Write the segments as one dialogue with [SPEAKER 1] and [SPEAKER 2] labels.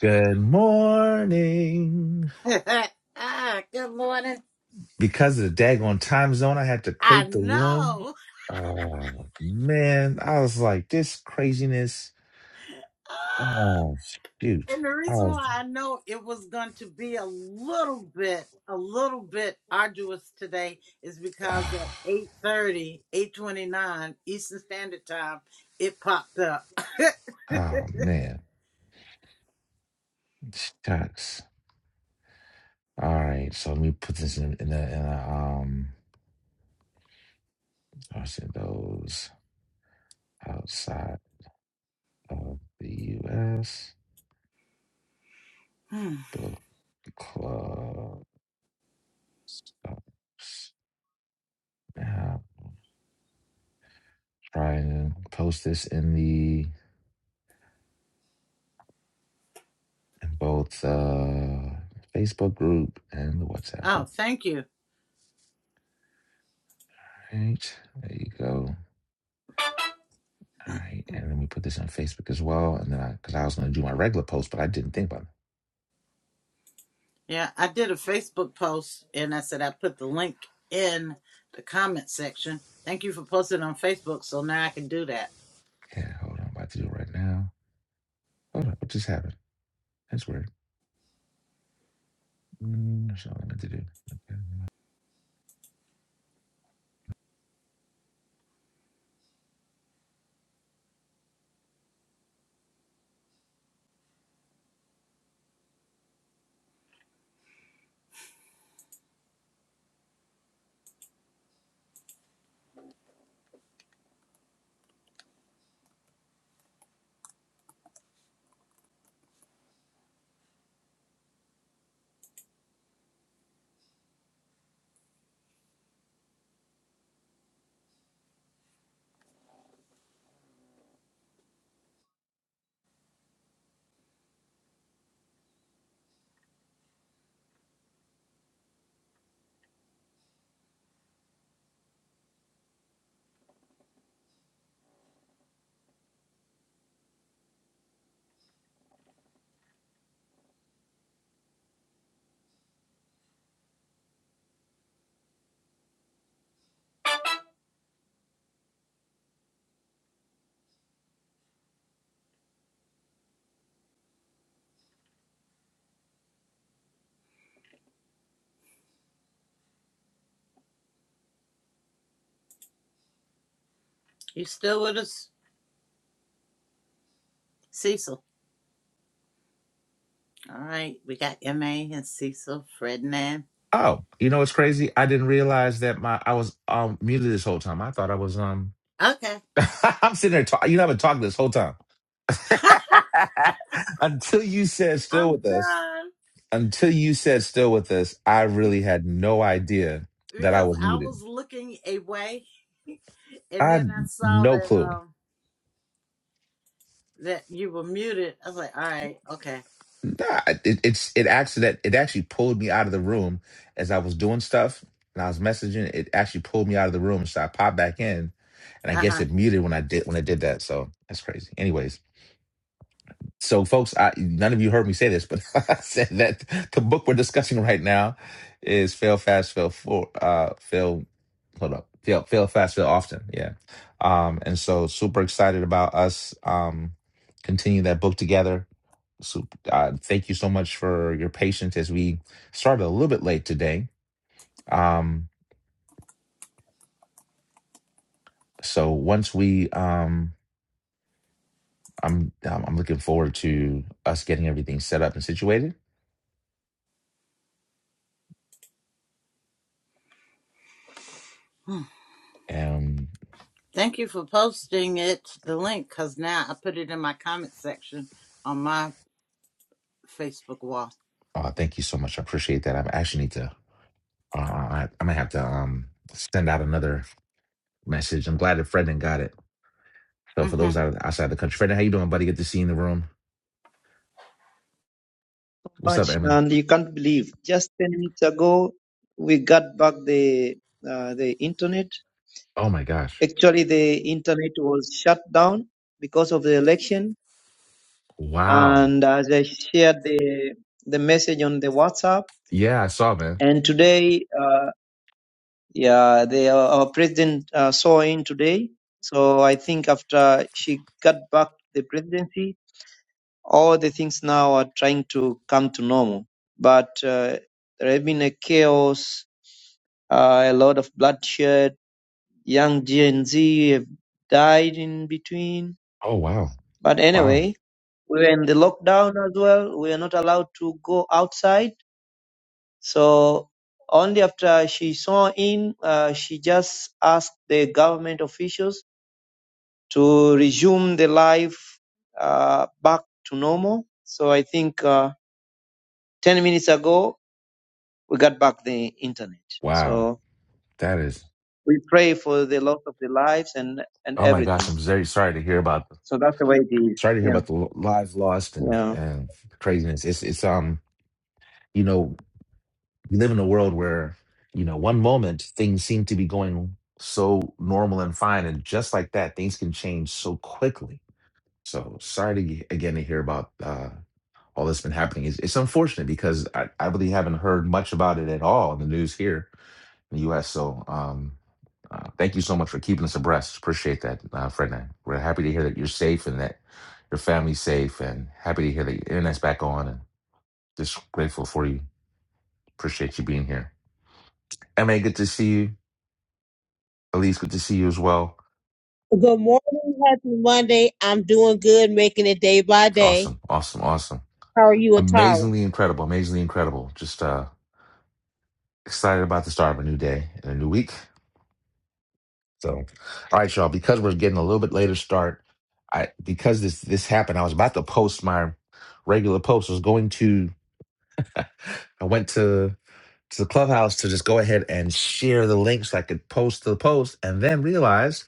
[SPEAKER 1] Good morning.
[SPEAKER 2] Ah, Good morning.
[SPEAKER 1] Because of the daggone time zone, I had to
[SPEAKER 2] I
[SPEAKER 1] crate the room.
[SPEAKER 2] know.
[SPEAKER 1] Oh, man. I was like, this craziness.
[SPEAKER 2] Ah,
[SPEAKER 1] Oh, shoot.
[SPEAKER 2] And the
[SPEAKER 1] I
[SPEAKER 2] reason
[SPEAKER 1] was,
[SPEAKER 2] why I know it was going to be a little bit, a little bit arduous today is because at
[SPEAKER 1] oh,
[SPEAKER 2] 8.30, 8.29 Eastern Standard Time, it popped up.
[SPEAKER 1] oh, man. Shucks. All right. So let me put this in, in, a, in a, um, I said those outside of the U.S.
[SPEAKER 2] Hmm.
[SPEAKER 1] book club. stops. Now, try and post this in the in both uh, Facebook group and the WhatsApp
[SPEAKER 2] oh,
[SPEAKER 1] group.
[SPEAKER 2] thank you.
[SPEAKER 1] All right, there you go. All right, and then we put this on Facebook as well. And then I, because I was going to do my regular post, but I didn't think about it.
[SPEAKER 2] Yeah, I did a Facebook post and I said I put the link in the comment section. Thank you for posting on Facebook so now I can do that.
[SPEAKER 1] Yeah, hold on, I'm about to do it right now. Hold on, what just happened? That's weird. Mm, that's not what I meant to do. Okay.
[SPEAKER 2] You still with us, Cecil? All right, we got MA and Cecil Fredman.
[SPEAKER 1] Oh, you know what's crazy? I didn't realize that my I was um muted this whole time. I thought I was um.
[SPEAKER 2] Okay.
[SPEAKER 1] I'm sitting there talking. You know, I've been talking this whole time until you said still
[SPEAKER 2] I'm
[SPEAKER 1] with us.
[SPEAKER 2] done
[SPEAKER 1] until you said still with us, I really had no idea that I
[SPEAKER 2] because
[SPEAKER 1] was
[SPEAKER 2] I was
[SPEAKER 1] muted.
[SPEAKER 2] looking away and
[SPEAKER 1] I
[SPEAKER 2] then
[SPEAKER 1] had
[SPEAKER 2] I saw
[SPEAKER 1] no
[SPEAKER 2] that
[SPEAKER 1] clue.
[SPEAKER 2] um that you were muted. I was like, all right, okay.
[SPEAKER 1] Nah, it, it's it actually that it actually pulled me out of the room as I was doing stuff and I was messaging. It actually pulled me out of the room, so I popped back in, and I guess
[SPEAKER 2] Uh-huh.
[SPEAKER 1] it muted when I did when I did that. So that's crazy. Anyways, So, folks, I, none of you heard me say this, but I said that the book we're discussing right now is "Fail Fast, Fail For," uh, "Fail." Hold up, "Fail, Fail Fast, Fail Often." Yeah, um, and so super excited about us um, continuing that book together. So, uh, thank you so much for your patience as we started a little bit late today. Um, so once we, um, I'm, I'm I'm looking forward to us getting everything set up and situated.
[SPEAKER 2] Hmm.
[SPEAKER 1] And
[SPEAKER 2] Thank you for posting it, the link, because now I put it in my comment section on my Facebook wall.
[SPEAKER 1] Uh, thank you so much. I appreciate that. I actually need to. Uh, I, I'm gonna have to um send out another message. I'm glad that Fredden got it. So for
[SPEAKER 2] hmm
[SPEAKER 1] those out outside the country, Fredden, how you doing, buddy? Good to see you in the room. What's up,
[SPEAKER 3] much,
[SPEAKER 1] Emily?
[SPEAKER 3] and you can't believe. Just ten minutes ago, we got back the uh, the internet.
[SPEAKER 1] Oh my gosh!
[SPEAKER 3] Actually, the internet was shut down because of the election.
[SPEAKER 1] Wow.
[SPEAKER 3] And as I shared the the message on the WhatsApp,
[SPEAKER 1] Yeah, I saw, man.
[SPEAKER 3] and today, uh, yeah, the uh, our president uh, saw in today. So I think after she got back the presidency, all the things now are trying to come to normal. But uh, there have been a chaos Uh, a lot of bloodshed. Young G and Z have died in between.
[SPEAKER 1] Oh wow,
[SPEAKER 3] But
[SPEAKER 1] wow,
[SPEAKER 3] anyway, we were in the lockdown as well. We are not allowed to go outside. So only after she saw in, uh, she just asked the government officials to resume the life uh, back to normal. So I think uh, 10 minutes ago, we got back the internet.
[SPEAKER 1] wow.
[SPEAKER 3] So
[SPEAKER 1] That is.
[SPEAKER 3] we pray for the loss of the lives and, and
[SPEAKER 1] Oh my gosh!
[SPEAKER 3] everything.
[SPEAKER 1] I'm very sorry to hear about.
[SPEAKER 3] So that's the way it is.
[SPEAKER 1] Sorry to hear
[SPEAKER 3] Yeah.
[SPEAKER 1] about the lives lost and
[SPEAKER 3] Yeah.
[SPEAKER 1] and craziness. It's it's um. You know. we live in a world where you know one moment things seem to be going so normal and fine and just like that things can change so quickly so sorry to, ge- again to hear about uh, all that's been happening it's, it's unfortunate because I, I really haven't heard much about it at all in the news here in the us so um, uh, thank you so much for keeping us abreast appreciate that uh, fred we're happy to hear that you're safe and that your family's safe and happy to hear that your internet's back on and just grateful for you appreciate you being here ma good to see you Elise, good to see you as well.
[SPEAKER 4] Good morning, happy Monday. I'm doing good, making it day by day.
[SPEAKER 1] Awesome, awesome, awesome.
[SPEAKER 4] How are you and Tara?
[SPEAKER 1] Amazingly incredible, amazingly incredible. Just uh excited about the start of a new day and a new week. So, all right, y'all, because we're getting a little bit later start, I because this this happened, I was about to post my regular post. I was going to I went to to the clubhouse to just go ahead and share the link so I could post the post and then realized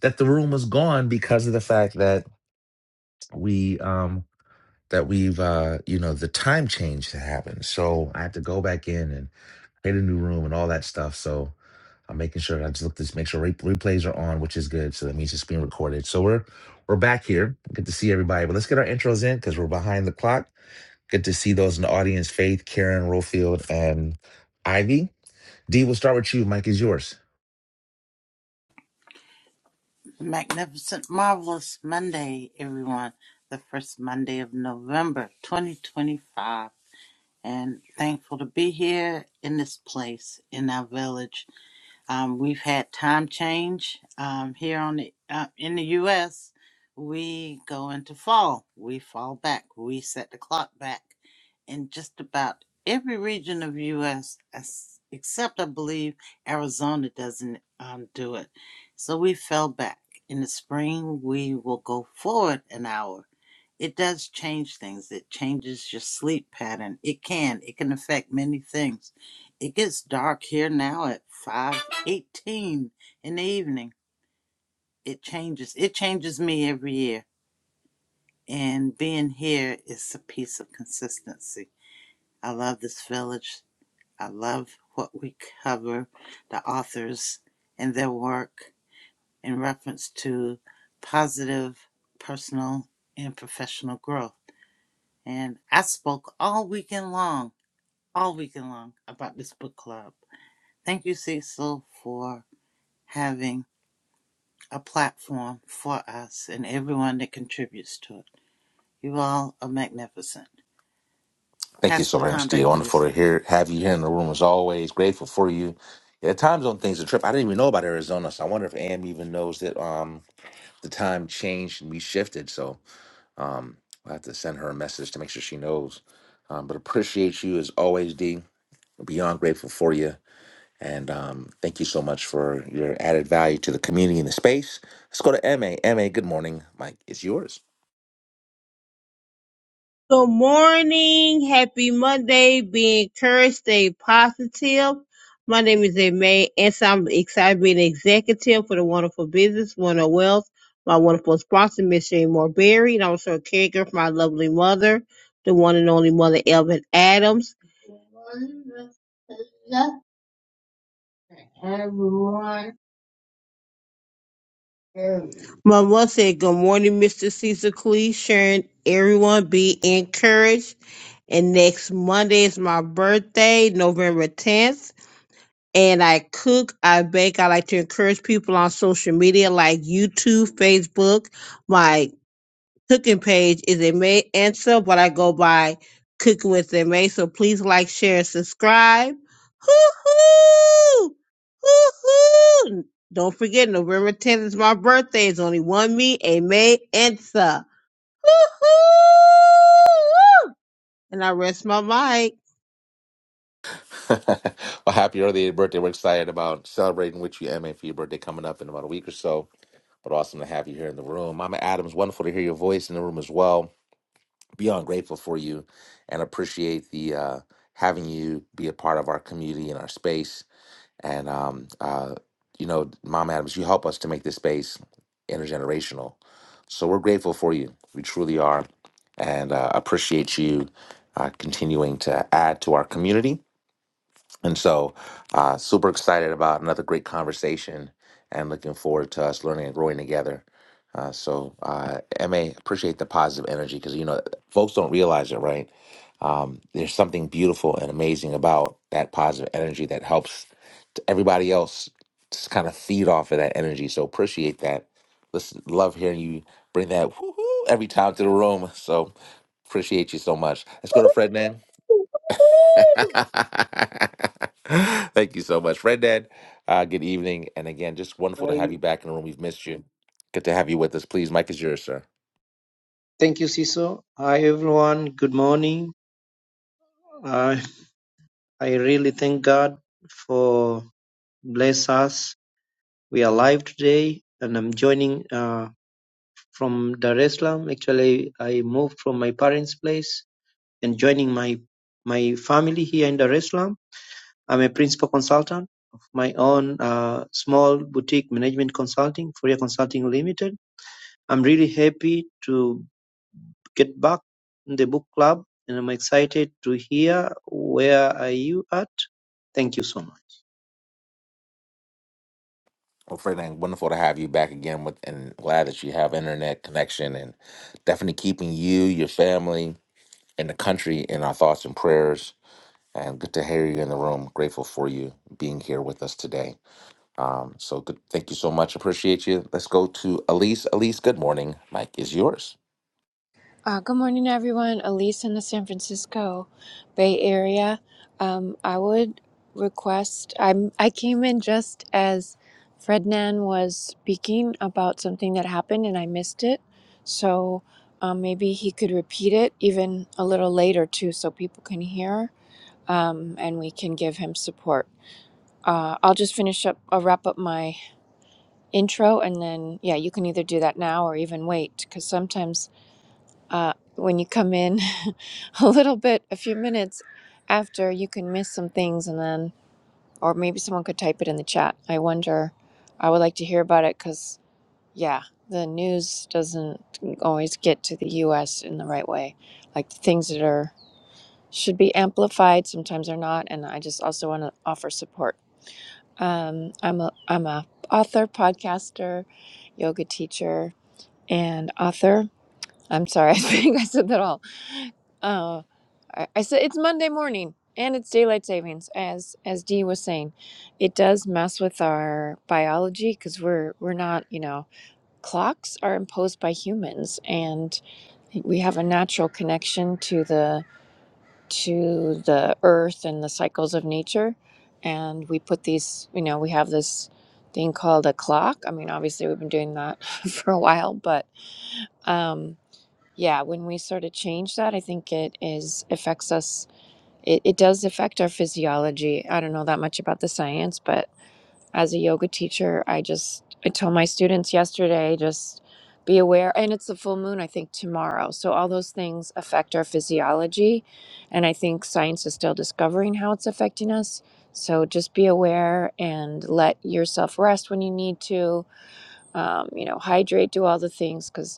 [SPEAKER 1] that the room was gone because of the fact that we um that we've uh you know the time change that happened so i had to go back in and create a new room and all that stuff so i'm making sure that i just look to make sure re- replays are on which is good so that means it's being recorded so we're we're back here good to see everybody but let's get our intros in because we're behind the clock good to see those in the audience faith karen rofield and ivy d we'll start with you mike is yours
[SPEAKER 2] Magnificent, marvelous Monday, everyone. The first Monday of November, 2025. and thankful to be here in this place in our village. Um, we've had time change um, here on the uh, in the U.S. We go into fall. We fall back. We set the clock back in just about every region of U.S. as- except I believe Arizona doesn't um, do it. So we fell back. In the spring, we will go forward an hour it does change things. It changes your sleep pattern. It can. It can affect many things. It gets dark here now at five eighteen in the evening. It changes. It changes me every year. And being here is a piece of consistency. I love this village. I love what we cover, the authors and their work in reference to positive personal and professional growth. And I spoke all weekend long, all weekend long about this book club. Thank you, Cecil, for having a platform for us and everyone that contributes to it. You all are magnificent.
[SPEAKER 1] Thank you
[SPEAKER 2] Pass
[SPEAKER 1] so
[SPEAKER 2] the
[SPEAKER 1] very much,
[SPEAKER 2] baton
[SPEAKER 1] Steve.
[SPEAKER 2] back to you,
[SPEAKER 1] Wonderful to
[SPEAKER 2] sir.
[SPEAKER 1] hear have you here in the room as always. Grateful for you. Yeah, the time zone thing's a trip. I didn't even know about Arizona, so I wonder if AM even knows that um the time changed and we shifted. So um I'll have to send her a message to make sure she knows. Um, but appreciate you as always, D. Beyond grateful for you. And um, thank you so much for your added value to the community and the space. Let's go to MA. MA, good morning. Mike, it's yours.
[SPEAKER 4] Good morning, happy Monday. Be encouraged, stay positive. My name is May, and so I'm excited to be an executive for the Wonderful Business, Wonderful Wealth. My wonderful sponsor, Miss Jane Morberry, and also a caregiver for my lovely mother, the one and only mother, Elvin Adams. Good morning, Miss Lisa. Everyone, Mama said, Good morning, Mr. Caesar Clee, Sharon. Everyone be encouraged. And next Monday is my birthday, November 10th. And I cook, I bake. I like to encourage people on social media like YouTube, Facebook. my." Cooking Page is a May answer, but I go by Cooking with a May. So please like, share, and subscribe. Hoo hoo! Hoo hoo! Don't forget, November 10th is my birthday. It's only one me, a May answer. Hoo hoo! And I rest my mic.
[SPEAKER 1] well, happy early birthday. We're excited about celebrating with you, MA, for your birthday coming up in about a week or so. But awesome to have you here in the room. Mama Adams, wonderful to hear your voice in the room as well. Beyond grateful for you and appreciate the uh, having you be a part of our community and our space. And, um, uh, you know, Mama Adams, you help us to make this space intergenerational. So we're grateful for you. We truly are. And uh, appreciate you uh, continuing to add to our community and so, uh, super excited about another great conversation and looking forward to us learning and growing together. Uh, so, uh, MA, appreciate the positive energy because, you know, folks don't realize it, right? Um, there's something beautiful and amazing about that positive energy that helps t- everybody else just kind of feed off of that energy. So, appreciate that. Listen, love hearing you bring that woo-hoo every time to the room. So, appreciate you so much. Let's go to Fred Thank you so much, Red Dad. Uh, good evening, and again, just wonderful to
[SPEAKER 3] I,
[SPEAKER 1] have you back in the room. We've missed you. Good to have you with us. Please, Mike is yours, sir.
[SPEAKER 3] thank you, Siso. Hi, everyone. Good morning. I I really thank God for bless us. We are alive today, and I'm joining uh, from Dar es Salaam. Actually, I moved from my parents' place and joining my my family here in Dar es Salaam. I'm a principal consultant of my own uh, small boutique management consulting, Fourier Consulting Limited. I'm really happy to get back in the book club and I'm excited to hear where are you at. Thank you so much.
[SPEAKER 1] Well, Ferdinand, wonderful to have you back again, with, and glad that you have internet connection, and definitely keeping you, your family, and the country in our thoughts and prayers. And good to hear you in the room. Grateful for you being here with us today. Um, so good. Thank you so much. Appreciate you. Let's go to Elise. Elise, good morning. Mike is yours.
[SPEAKER 5] Uh, good morning, everyone. Elise in the San Francisco Bay Area. Um, I would request. I'm. I came in just as Frednan was speaking about something that happened, and I missed it. So um, maybe he could repeat it even a little later too, so people can hear um, and we can give him support. Uh, I'll just finish up. I'll wrap up my intro, and then yeah, you can either do that now or even wait, because sometimes uh, when you come in a little bit, a few minutes after, you can miss some things, and then, or maybe someone could type it in the chat. I wonder, I would like to hear about it because, yeah, the news doesn't always get to the US in the right way. Like the things that are should be amplified sometimes are not, and I just also want to offer support. Um, I'm a I'm a author, podcaster, yoga teacher, and author I'm sorry. I think I said that all. Uh, I, I said it's Monday morning and it's daylight savings, as as Dee was saying. It does mess with our biology because we're we're not, you know, clocks are imposed by humans, and we have a natural connection to the to the earth and the cycles of nature, and we put these, you know, we have this thing called a clock. I mean, obviously we've been doing that for a while, but. um yeah, when we sort of change that, I think it is affects us. It, it does affect our physiology. I don't know that much about the science, but as a yoga teacher, I just I told my students yesterday just be aware. And it's the full moon, I think, tomorrow. So all those things affect our physiology, and I think science is still discovering how it's affecting us. So just be aware and let yourself rest when you need to. Um, you know, hydrate, do all the things because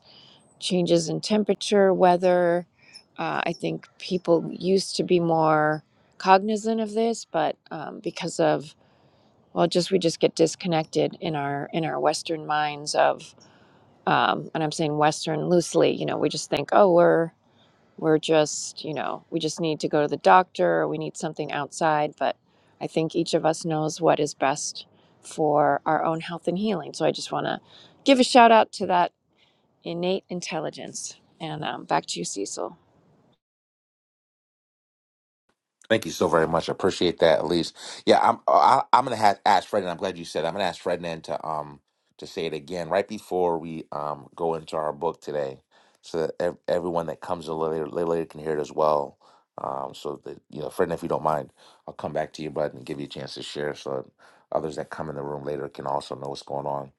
[SPEAKER 5] changes in temperature, weather. Uh, I think people used to be more cognizant of this, but um, because of well, just we just get disconnected in our in our Western minds of, um, and I'm saying Western loosely. You know, we just think, oh, we're we're just you know we just need to go to the doctor. Or we need something outside, but I think each of us knows what is best for our own health and healing. So I just want to give a shout out to that innate intelligence. And um, back to you, Cecil.
[SPEAKER 1] Thank you so very much. I appreciate that, Elise. Yeah, I'm. uh, I, I'm gonna have ask Fred, and I'm glad you said. I'm gonna ask Fred to um to say it again right before we um go into our book today, so that ev- everyone that comes in later later later can hear it as well. Um, so that you know, Fred, if you don't mind, I'll come back to you, bud, and give you a chance to share, so that others that come in the room later can also know what's going on.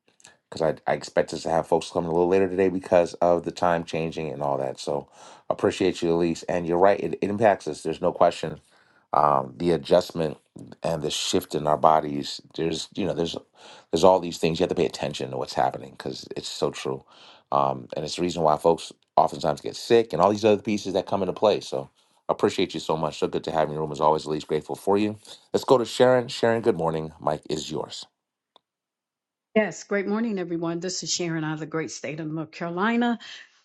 [SPEAKER 1] Because I, I expect us to have folks coming a little later today because of the time changing and all that. So appreciate you, Elise. And you're right; it, it impacts us. There's no question um, the adjustment and the shift in our bodies. There's you know there's there's all these things you have to pay attention to what's happening because it's so true, um, and it's the reason why folks oftentimes get sick and all these other pieces that come into play. So appreciate you so much. So good to have you in the room as always. At least grateful for you. Let's go to Sharon. Sharon, good morning. Mike is yours.
[SPEAKER 6] Yes, great morning, everyone. This is Sharon out of the great state of North Carolina.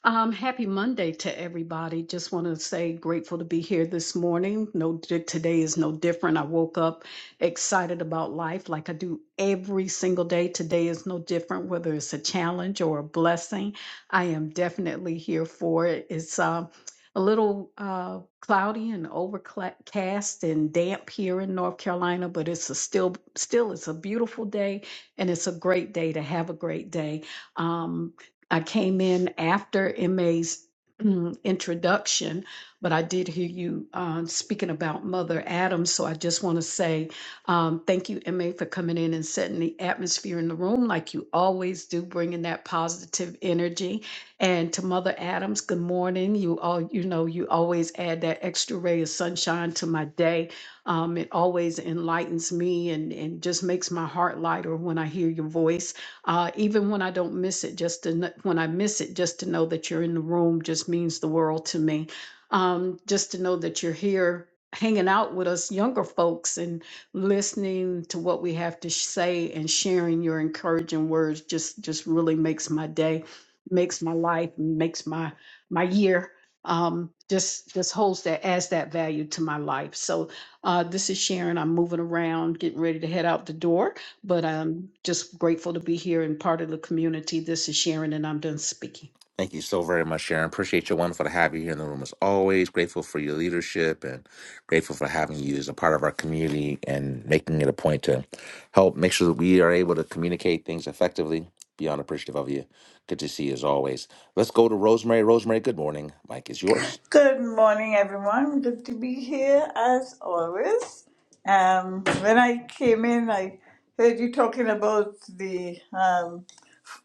[SPEAKER 6] Um, happy Monday to everybody. Just want to say grateful to be here this morning. No, di- today is no different. I woke up excited about life like I do every single day. Today is no different, whether it's a challenge or a blessing. I am definitely here for it. It's uh, a little uh, cloudy and overcast and damp here in North Carolina, but it's a still still it's a beautiful day and it's a great day to have a great day. Um, I came in after MA's mm, introduction, but I did hear you um, speaking about Mother Adams. So I just want to say um, thank you, MA, for coming in and setting the atmosphere in the room like you always do, bringing that positive energy. And to Mother Adams, good morning. You all, you know, you always add that extra ray of sunshine to my day um, it always enlightens me and, and just makes my heart lighter when I hear your voice. Uh, even when I don't miss it, just to, kn- when I miss it, just to know that you're in the room just means the world to me. Um, just to know that you're here hanging out with us younger folks and listening to what we have to sh- say and sharing your encouraging words just just really makes my day makes my life and makes my my year um, just just holds that as that value to my life. So uh, this is Sharon. I'm moving around, getting ready to head out the door, but I'm just grateful to be here and part of the community. This is Sharon, and I'm done speaking.
[SPEAKER 1] Thank you so very much, Sharon. Appreciate you. Wonderful to have you here in the room as always. Grateful for your leadership and grateful for having you as a part of our community and making it a point to help make sure that we are able to communicate things effectively. Beyond appreciative of you. Good to see you as always. Let's go to Rosemary. Rosemary, good morning. Mike is yours.
[SPEAKER 7] Good morning, everyone. Good to be here as always. Um, when I came in, I heard you talking about the um,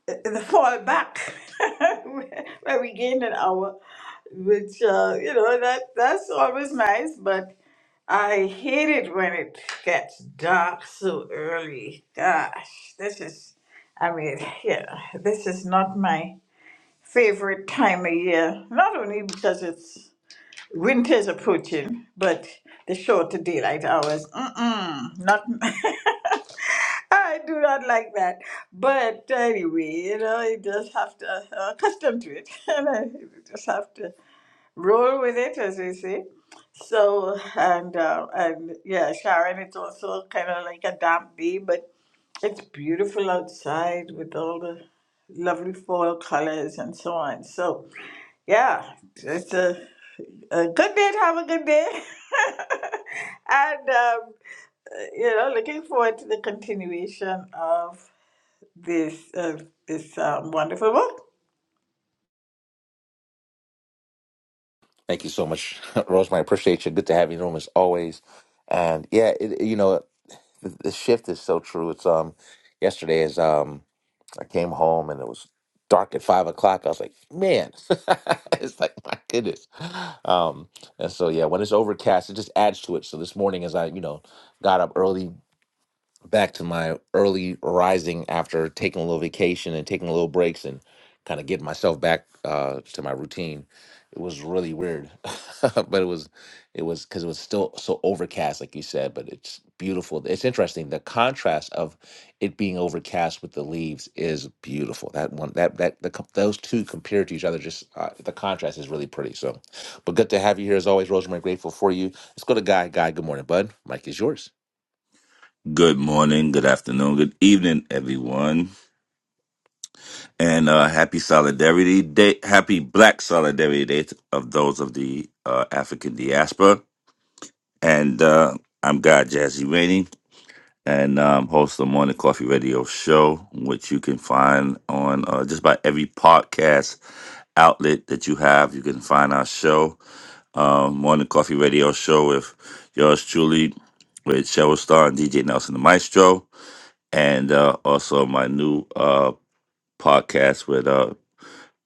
[SPEAKER 7] the fall back where we gained an hour, which uh, you know that that's always nice. But I hate it when it gets dark so early. Gosh, this is I mean, yeah, this is not my favorite time of year. Not only because it's Winter's approaching, but the shorter daylight hours, mm-mm, not. I do not like that. But anyway, you know, you just have to uh, accustom to it, and I just have to roll with it, as they say. So and uh, and yeah, Sharon, it's also kind of like a damp day, but it's beautiful outside with all the lovely fall colors and so on. So. Yeah, it's a, a good day to have a good day. And, um, you know, looking forward to the continuation of this uh, this um, wonderful book.
[SPEAKER 1] Thank you so much, Rosemary. I appreciate you. Good to have you in the room as always. And yeah, it, you know, the, the shift is so true. It's um, yesterday is um, I came home and it was dark at five o'clock. I was like, man, it's like my goodness. Um, and so yeah, when it's overcast, it just adds to it. So this morning, as I you know got up early, back to my early rising after taking a little vacation and taking a little breaks and kind of getting myself back uh, to my routine. It was really weird, but it was it was because it was still so overcast, like you said. But it's beautiful. It's interesting. The contrast of it being overcast with the leaves is beautiful. That one, that that the, co- those two compared to each other, just uh, the contrast is really pretty. So, but good to have you here as always, Rosemary. Grateful for you. Let's go to Guy. Guy, good morning, bud. Mike is yours.
[SPEAKER 8] Good morning, good afternoon, good evening, everyone, and uh, happy Solidarity Day, happy Black Solidarity Day to- of those of the uh, African diaspora. And uh, I'm God Jazzy Rainey, and um, host of the Morning Coffee Radio Show, which you can find on uh, just about every podcast outlet that you have. You can find our show, uh, Morning Coffee Radio Show, with yours truly, with Cheryl Star and DJ Nelson the Maestro and uh, also my new uh, podcast with uh,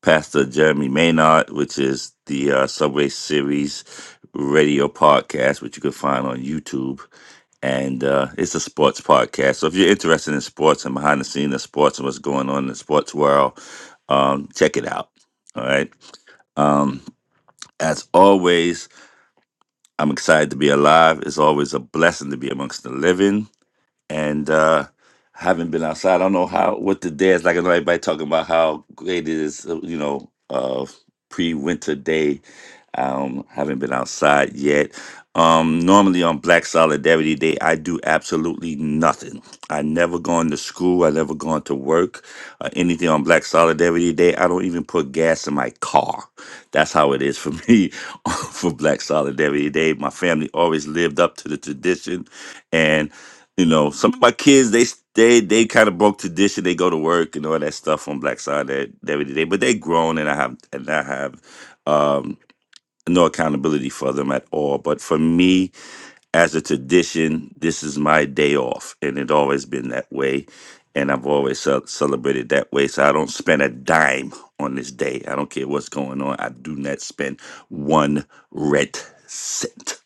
[SPEAKER 8] Pastor Jeremy Maynard, which is the uh, Subway Series radio podcast, which you can find on YouTube. And uh, it's a sports podcast. So if you're interested in sports and behind the scenes of sports and what's going on in the sports world, um, check it out. All right. Um, as always, I'm excited to be alive. It's always a blessing to be amongst the living. and uh haven't been outside. I don't know how what the day is like. I know everybody talking about how great it is, uh, you know, uh pre-winter day um, haven't been outside yet. Um, normally on Black Solidarity Day, I do absolutely nothing. I never gone to school. I never gone to work or anything on Black Solidarity Day. I don't even put gas in my car. That's how it is for me for Black Solidarity Day. My family always lived up to the tradition, and you know, some of my kids they they they kind of broke tradition. They go to work and all that stuff on Black Solidarity Day, but they grown, and I have and I have. Um, no accountability for them at all. But for me, as a tradition, this is my day off, and it always been that way. And I've always ce- celebrated that way. So I don't spend a dime on this day. I don't care what's going on. I do not spend one red cent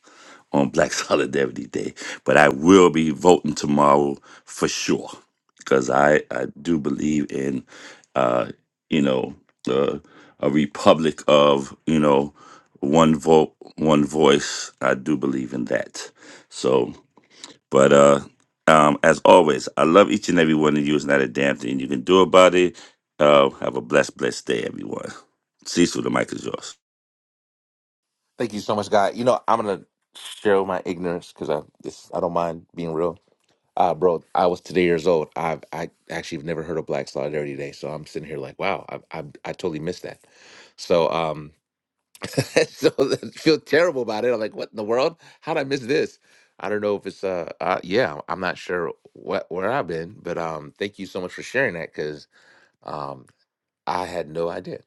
[SPEAKER 8] on Black Solidarity Day, but I will be voting tomorrow for sure because I, I do believe in, uh, you know, uh, a republic of, you know, one vote, one voice. I do believe in that. So, but uh, um, as always, I love each and every one of you. It's not a damn thing you can do about it. Uh, have a blessed, blessed day, everyone. Cecil, the mic is yours.
[SPEAKER 1] Thank you so much, God. You know, I'm gonna share my ignorance because I this I don't mind being real. Uh, bro, I was today years old. I've I actually have never heard of Black Solidarity Day, so I'm sitting here like, wow, I I, I totally missed that. So um, so I feel terrible about it. I'm like, what in the world? How did I miss this? I don't know if it's uh, uh yeah, I'm not sure what where I've been, but um, thank you so much for sharing that because um, I had no idea.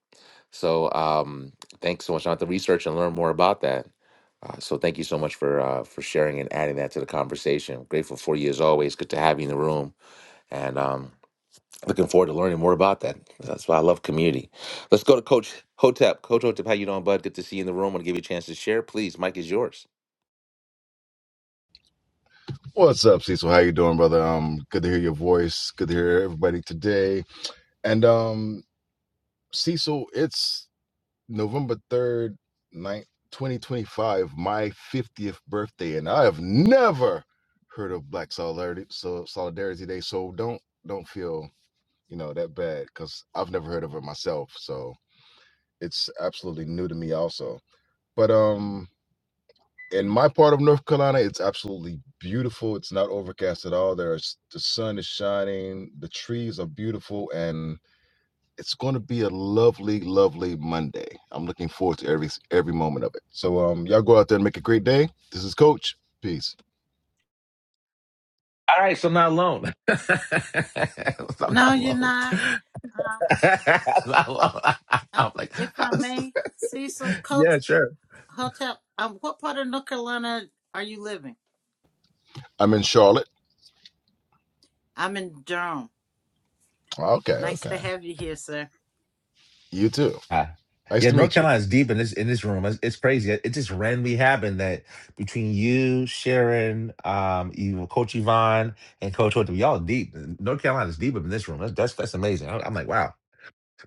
[SPEAKER 1] So um, thanks so much. I'll have to research and learn more about that. Uh, so thank you so much for uh, for sharing and adding that to the conversation. I'm grateful for you as always. Good to have you in the room, and um, looking forward to learning more about that. That's why I love community. Let's go to Coach Hotep. Coach Hotep, how you doing, bud? Good to see you in the room. I want to give you a chance to share. Please, Mike is yours.
[SPEAKER 9] What's up, Cecil? How you doing, brother? Um, good to hear your voice. Good to hear everybody today. And um, Cecil, it's November third, night twenty twenty five, my fiftieth birthday, and I have never heard of Black Solidarity so Solidarity Day. So don't don't feel you know that bad because I've never heard of it myself. So it's absolutely new to me, also. But um, in my part of North Carolina, it's absolutely beautiful. It's not overcast at all. There's the sun is shining, the trees are beautiful, and it's going to be a lovely, lovely Monday. I'm looking forward to every every moment of it. So, um, y'all go out there and make a great day. This is Coach. Peace.
[SPEAKER 1] All right, so I'm not alone. so I'm
[SPEAKER 2] No,
[SPEAKER 1] not
[SPEAKER 2] you're
[SPEAKER 1] alone.
[SPEAKER 2] not. Um,
[SPEAKER 1] I'm, not alone.
[SPEAKER 2] uh,
[SPEAKER 1] I'm like,
[SPEAKER 2] if
[SPEAKER 1] how
[SPEAKER 2] I
[SPEAKER 1] is-
[SPEAKER 2] may, Cecil, Coach
[SPEAKER 1] yeah, sure.
[SPEAKER 2] Hotel, um, what part of North Carolina are you living?
[SPEAKER 9] I'm in Charlotte.
[SPEAKER 2] I'm in Durham.
[SPEAKER 9] Okay,
[SPEAKER 2] Nice to
[SPEAKER 9] okay.
[SPEAKER 2] have you here, sir.
[SPEAKER 9] You too.
[SPEAKER 1] Ah.
[SPEAKER 9] Nice
[SPEAKER 1] Yeah,
[SPEAKER 9] to
[SPEAKER 1] North
[SPEAKER 9] meet you.
[SPEAKER 1] Carolina is deep in this in this room. It's, it's crazy. It, it just randomly happened that between you, Sharon, um, you, Coach Yvonne, and Coach Hope, y'all are deep. North Carolina is deep up in this room. That's that's, that's amazing. I, I'm like, wow.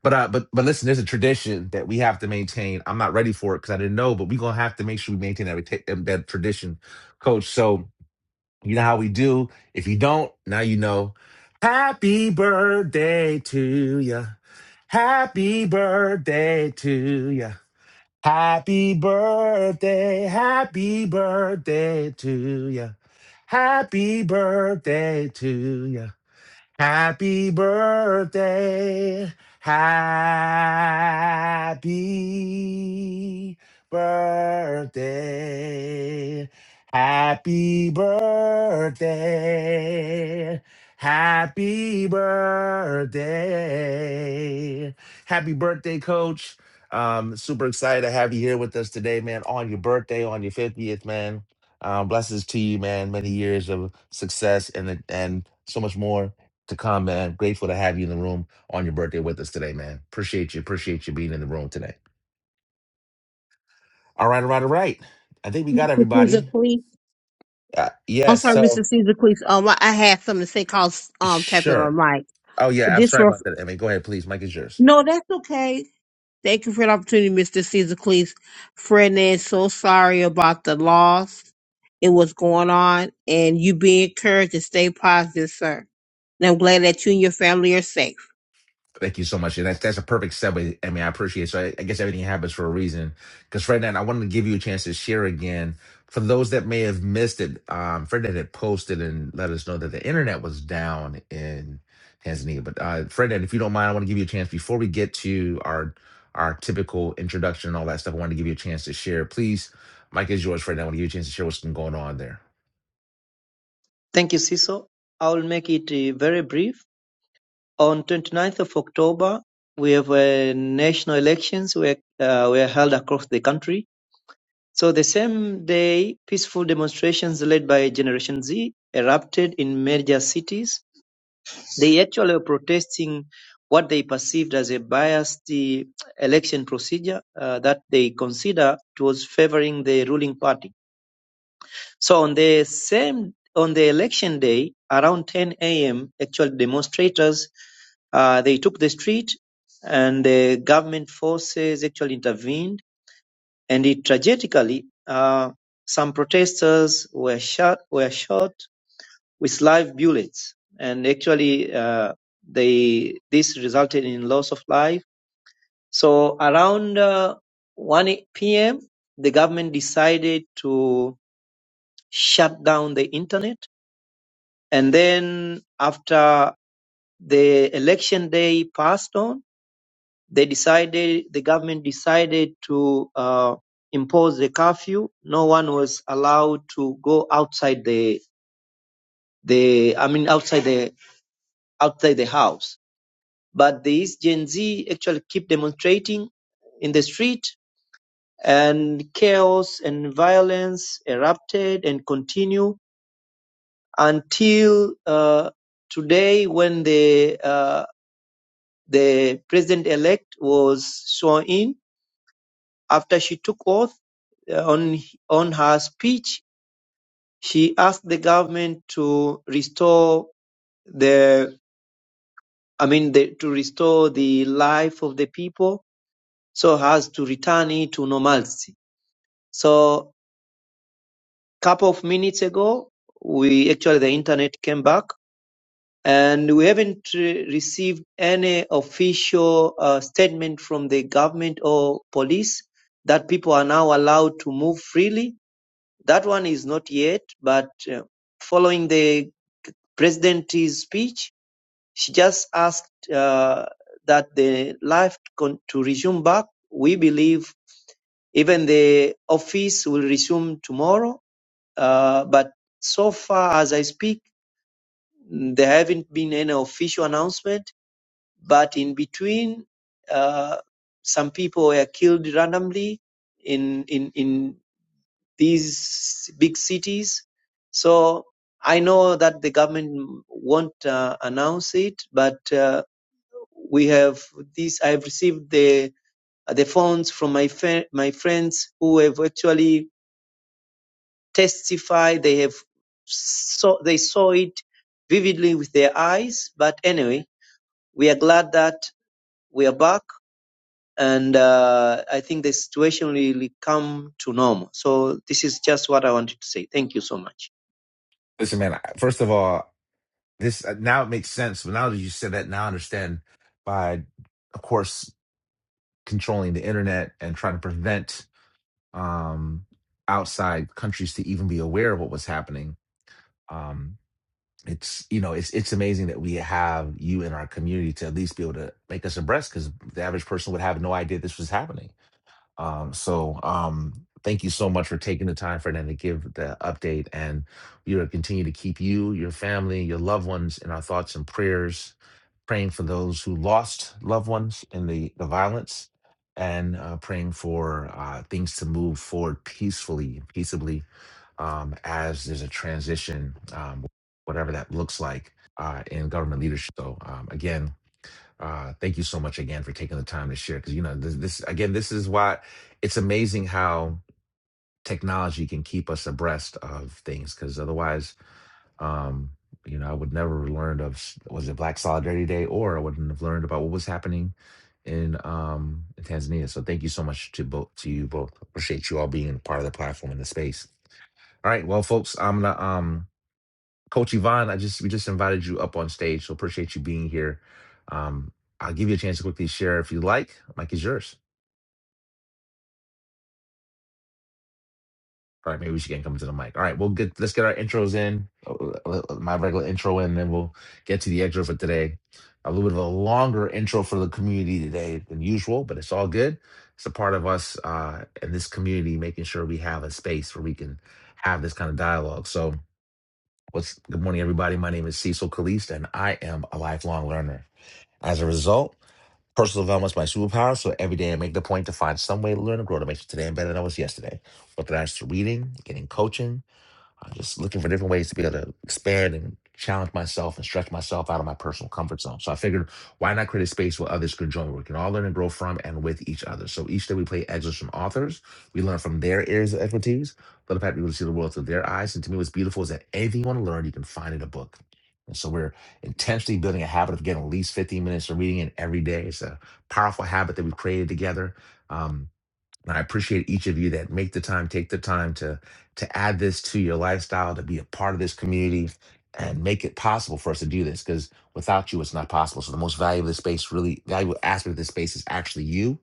[SPEAKER 1] But uh, but but listen, there's a tradition that we have to maintain. I'm not ready for it because I didn't know, but we're gonna have to make sure we maintain that reta- that tradition, Coach. So you know how we do. If you don't, now you know. Happy birthday to you. Happy birthday to you. Happy birthday. Happy birthday to you. Happy birthday to you. Happy birthday. Happy birthday. Happy birthday. Happy birthday. Happy birthday, coach. Um, super excited to have you here with us today, man, on your birthday, on your 50th, man. Um, blessings to you, man. Many years of success and and so much more to come, man. Grateful to have you in the room on your birthday with us today, man. Appreciate you. Appreciate you being in the room today. All right, all right, all right. I think we got
[SPEAKER 4] Mr. Caesar
[SPEAKER 1] everybody.
[SPEAKER 4] Cleese.
[SPEAKER 1] Uh,
[SPEAKER 4] I'm
[SPEAKER 1] yes.
[SPEAKER 4] sorry, Mr.
[SPEAKER 1] so
[SPEAKER 4] Caesar Cleese. Um, I I had something to say called um tapping on
[SPEAKER 1] sure.
[SPEAKER 4] my mic.
[SPEAKER 1] Oh
[SPEAKER 4] But
[SPEAKER 1] yeah. I'm
[SPEAKER 4] this
[SPEAKER 1] sorry
[SPEAKER 4] was
[SPEAKER 1] about that. I mean, go ahead, please. Mike is yours.
[SPEAKER 4] no, that's okay. Thank you for the opportunity, Mr. Caesar Cleese. Fred is so sorry about the loss and what's going on, and you be encouraged to stay positive, sir. And I'm glad that you and your family are safe.
[SPEAKER 1] Thank you so much. And that's, that's a perfect segue. I mean, I appreciate it. So I, I guess everything happens for a reason. Because Ferdinand, I wanted to give you a chance to share again. For those that may have missed it, um, Ferdinand had posted and let us know that the internet was down in Tanzania. But uh, Ferdinand, if you don't mind, I want to give you a chance before we get to our our typical introduction and all that stuff. I wanted to give you a chance to share. Please, Mike is yours, Ferdinand. I want to give you a chance to share what's been going on there.
[SPEAKER 3] Thank you, Siso. I'll make it uh, very brief. On 29th of October, we have uh, national elections were, uh, were held across the country. So the same day, peaceful demonstrations led by Generation Z erupted in major cities They actually were protesting what they perceived as a biased eh, election procedure uh, that they consider it was favoring the ruling party. So on the same on the election day, around 10 a.m., actual demonstrators uh, they took the street, and the government forces actually intervened, and it tragically uh, some protesters were shot were shot with live bullets. And actually, uh, they this resulted in loss of life. So around uh, 1 p.m., the government decided to shut down the internet. And then after the election day passed on, they decided the government decided to uh, impose the curfew. No one was allowed to go outside the the I mean outside the outside the house But these Gen Z actually keep demonstrating in the street and chaos and violence erupted and continue until uh, today when the uh, the president elect was sworn in after she took oath uh, on on her speech she asked the government to restore the i mean the, to restore the life of the people so as to return it to normalcy So couple of minutes ago, we actually the internet came back, and we haven't re- received any official uh, statement from the government or police that people are now allowed to move freely. That one is not yet, but uh, following the president's speech, she just asked uh, that the life con- to resume back. We believe even the office will resume tomorrow Uh, but so far as I speak, mm, there haven't been any official announcement. But in between, uh, some people were killed randomly in in in these big cities. So I know that the government won't uh, announce it, but uh, we have this. I've received the the phones from my fri my friends who have actually testify they have saw they saw it vividly with their eyes but anyway we are glad that we are back and uh, i think the situation really come to normal so this is just what i wanted to say thank you so much
[SPEAKER 1] Listen, man. I- First of all, This uh, now it makes sense. But now that you said that, now I understand by, of course, controlling the internet and trying to prevent um, outside countries to even be aware of what was happening. Um, it's you know it's it's amazing that we have you in our community to at least be able to make us abreast because the average person would have no idea this was happening. Um, so um, thank you so much for taking the time, Fernanda, to give the update. And we will continue to keep you, your family, your loved ones in our thoughts and prayers, praying for those who lost loved ones in the, the violence and uh, praying for uh, things to move forward peacefully, peaceably, um, as there's a transition, um, whatever that looks like uh, in government leadership. So, um, again, uh, thank you so much again for taking the time to share. Because you know, this, this again, this is why it's amazing how technology can keep us abreast of things. Because otherwise, um, you know, I would never have learned of s- was it Black Solidarity Day, or I wouldn't have learned about what was happening in um in Tanzania. So thank you so much to both to you both. Appreciate you all being part of the platform and the space. All right, well, folks, I'm gonna um Coach Yvonne, I just we just invited you up on stage, so appreciate you being here. Um, I'll give you a chance to quickly share if you like. Mike is yours. All right, maybe we should get come to the mic. All right, we'll get let's get our intros in, uh, uh, uh, my regular intro in, and then we'll get to the extra for today. A little bit of a longer intro for the community today than usual, but it's all good. It's a part of us uh, in this community, making sure we have a space where we can have this kind of dialogue. So, what's good morning, everybody? My name is Cecil Caliste, and I am a lifelong learner. As a result, personal development is my superpower, so every day I make the point to find some way to learn and grow to make today better than I was yesterday. Whether that's through reading, getting coaching, I'm just looking for different ways to be able to expand and challenge myself and stretch myself out of my personal comfort zone. So I figured, why not create a space where others could join, where we can all learn and grow from and with each other. So each day we play excerpts from authors, we learn from their areas of expertise, let the fact people see the world through their eyes. And to me, what's beautiful is that anything you want to learn, you can find in a book. And so we're intentionally building a habit of getting at least 15 minutes of reading in every day. It's a powerful habit that we've created together. Um, and I appreciate each of you that make the time, take the time to to add this to your lifestyle, to be a part of this community, and make it possible for us to do this. Because without you, it's not possible. So the most valuable space, really valuable aspect of this space, is actually you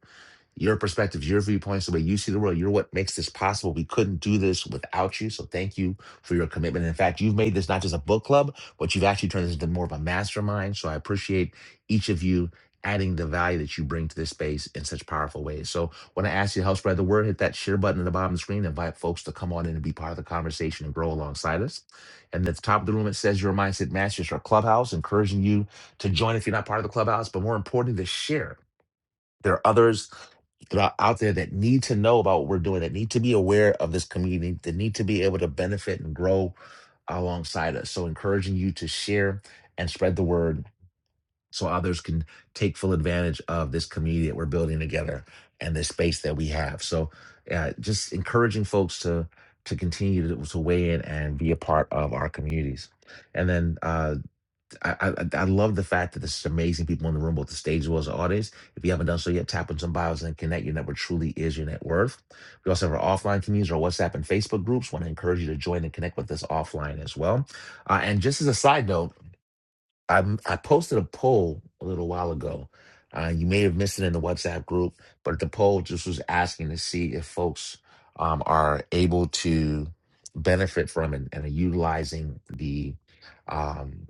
[SPEAKER 1] your perspectives, your viewpoints, the way you see the world. You're what makes this possible. We couldn't do this without you. So thank you for your commitment. In fact, you've made this not just a book club, but you've actually turned this into more of a mastermind. So I appreciate each of you adding the value that you bring to this space in such powerful ways. So when I ask you to help spread the word, hit that share button at the bottom of the screen. Invite folks to come on in and be part of the conversation and grow alongside us. And at the top of the room, it says your mindset masters our clubhouse, encouraging you to join if you're not part of the clubhouse, but more importantly, to share. There are others that are out there that need to know about what we're doing, that need to be aware of this community, that need to be able to benefit and grow alongside us. So, encouraging you to share and spread the word so others can take full advantage of this community that we're building together and this space that we have. So, uh, just encouraging folks to to continue to, to weigh in and be a part of our communities. And then, uh, I, I I love the fact that there's amazing people in the room, both the stage as well as the audience. If you haven't done so yet, tap on some bios and connect. Your network truly is your net worth. We also have our offline communities, our WhatsApp and Facebook groups. Want to encourage you to join and connect with us offline as well. Uh, and just as a side note. I I posted a poll a little while ago. Uh, you may have missed it in the WhatsApp group, but the poll just was asking to see if folks um, are able to benefit from and, and are utilizing the um,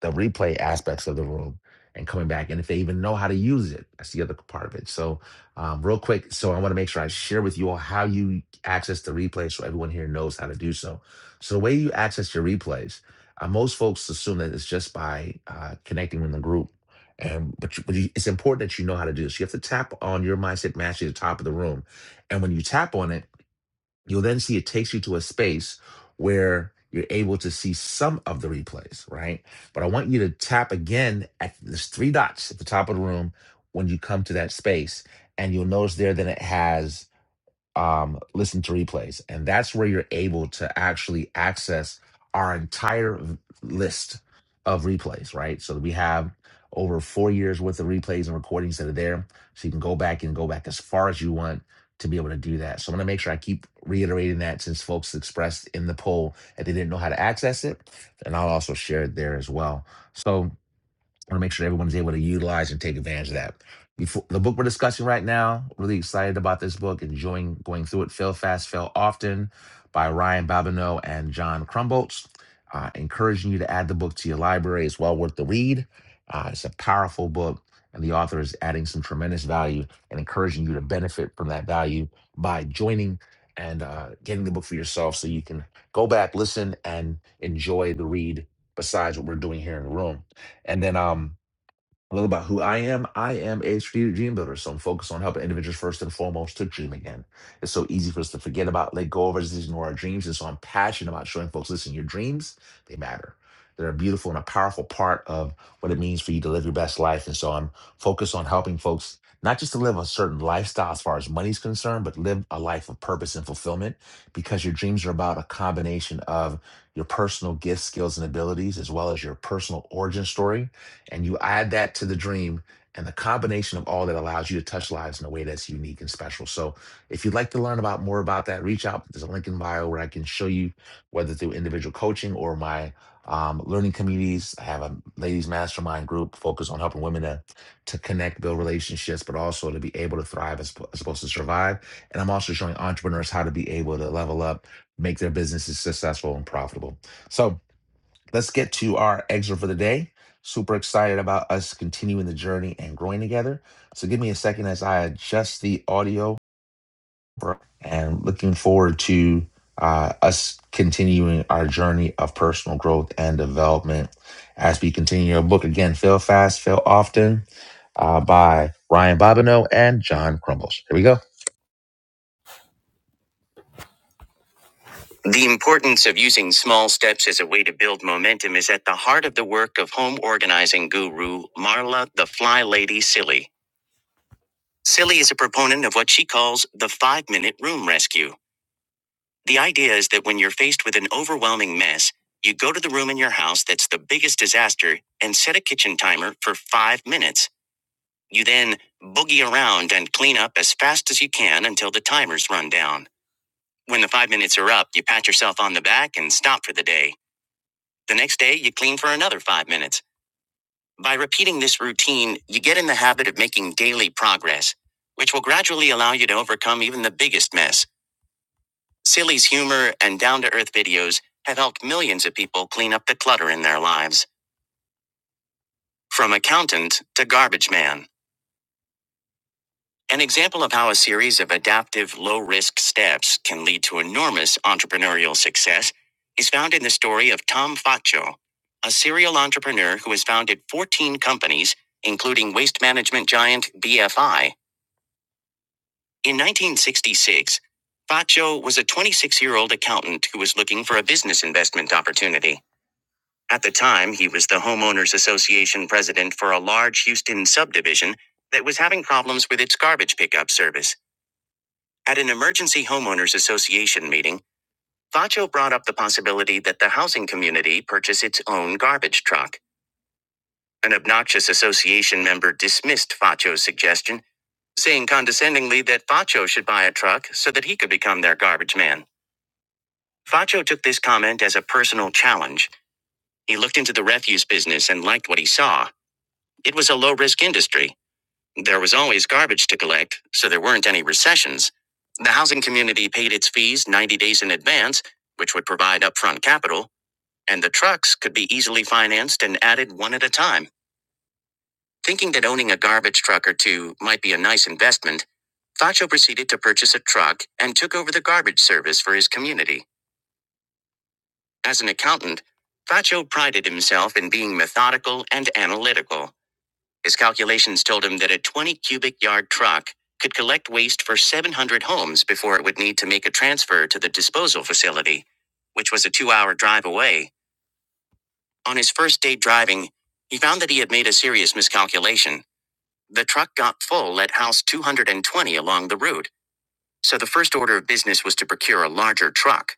[SPEAKER 1] the replay aspects of the room and coming back, and if they even know how to use it. That's the other part of it. So, um, real quick, so I want to make sure I share with you all how you access the replay, so everyone here knows how to do so. So, the way you access your replays uh, most folks assume that it's just by uh, connecting in the group, and but, you, but you, it's important that you know how to do this. You have to tap on your mindset match at the top of the room, and when you tap on it, you'll then see it takes you to a space where you're able to see some of the replays, right? But I want you to tap again at there's three dots at the top of the room when you come to that space, and you'll notice there that it has um, listen to replays. And that's where you're able to actually access our entire list of replays, right? So we have over four years worth of replays and recordings that are there. So you can go back and go back as far as you want to be able to do that. So I'm going to make sure I keep reiterating that since folks expressed in the poll that they didn't know how to access it. And I'll also share it there as well. So I want to make sure everyone's able to utilize and take advantage of that. Before, the book we're discussing right now, really excited about this book, enjoying going through it. Fail Fast, Fail Often by Ryan Babineau and John Crumboltz. Uh, encouraging you to add the book to your library. It's well worth the read. Uh, it's a powerful book, and the author is adding some tremendous value and encouraging you to benefit from that value by joining and uh, getting the book for yourself so you can go back, listen, and enjoy the read besides what we're doing here in the room. And then um, a little about who I am. I am a strategic dream builder, so I'm focused on helping individuals first and foremost to dream again. It's so easy for us to forget about, let go of, or just ignore our dreams. And so I'm passionate about showing folks, listen, your dreams, they matter. They're a beautiful and a powerful part of what it means for you to live your best life. And so I'm focused on helping folks not just to live a certain lifestyle as far as money's concerned, but live a life of purpose and fulfillment because your dreams are about a combination of your personal gifts, skills, and abilities, as well as your personal origin story and you add that to the dream and the combination of all that allows you to touch lives in a way that's unique and special so if you'd like to learn about more about that reach out there's a link in bio where i can show you whether through individual coaching or my um, learning communities i have a ladies mastermind group focused on helping women to, to connect build relationships but also to be able to thrive as, as opposed to survive and i'm also showing entrepreneurs how to be able to level up make their businesses successful and profitable so Let's get to our excerpt for the day. Super excited about us continuing the journey and growing together. So give me a second as I adjust the audio and looking forward to uh, us continuing our journey of personal growth and development as we continue our book again, Fail Fast, Fail Often uh, by Ryan Bobineau and John Crumbles. Here we go. The importance of using small steps as a way to build momentum is at the heart of the work of home organizing guru Marla the Fly Lady Silly. Silly is a proponent of what she calls the five minute room rescue. The idea is that when you're faced with an overwhelming mess, you go to the room in your house that's the biggest disaster and set a kitchen timer for five minutes. You then boogie around and clean up as fast as you can until the timers run down. When the five minutes are up, you pat yourself on the back and stop for the day. The next day, you clean for another five minutes. By repeating this routine, you get in the habit of making daily progress, which will gradually allow you to overcome even the biggest mess. Silly's humor and down to earth videos have helped millions of people clean up the clutter in their lives, from accountant to garbage man. An example of how a series of adaptive low risk steps can lead to enormous entrepreneurial success is found in the story of Tom Faccio, a serial entrepreneur who has founded 14 companies, including waste management giant BFI. In 1966, Faccio was a 26 year old accountant who was looking for a business investment opportunity. At the time, he was the Homeowners Association president for a large Houston subdivision that was having problems with its garbage pickup service. At an emergency homeowners association meeting, Vacho brought up the possibility that the housing community purchase its own garbage truck. An obnoxious association member dismissed Vacho's suggestion, saying condescendingly that Vacho should buy a truck so that he could become their garbage man. Vacho took this comment as a personal challenge. He looked into the refuse business and liked what he saw. It was a low risk industry. There was always garbage to collect, so there weren't any recessions. The housing community paid its fees 90 days in advance, which would provide upfront capital, and the trucks could be easily financed and added one at a time. Thinking that owning a garbage truck or two might be a nice investment, Facho proceeded to purchase a truck and took over the garbage service for his community. As an accountant, Facho prided himself in being methodical and analytical. His calculations told him that a 20 cubic yard truck could collect waste for 700 homes before it would need to make a transfer to the disposal facility, which was a two hour drive away. On his first day driving, he found that he had made a serious miscalculation. The truck got full at house 220 along the route, so the first order of business was to procure a larger truck.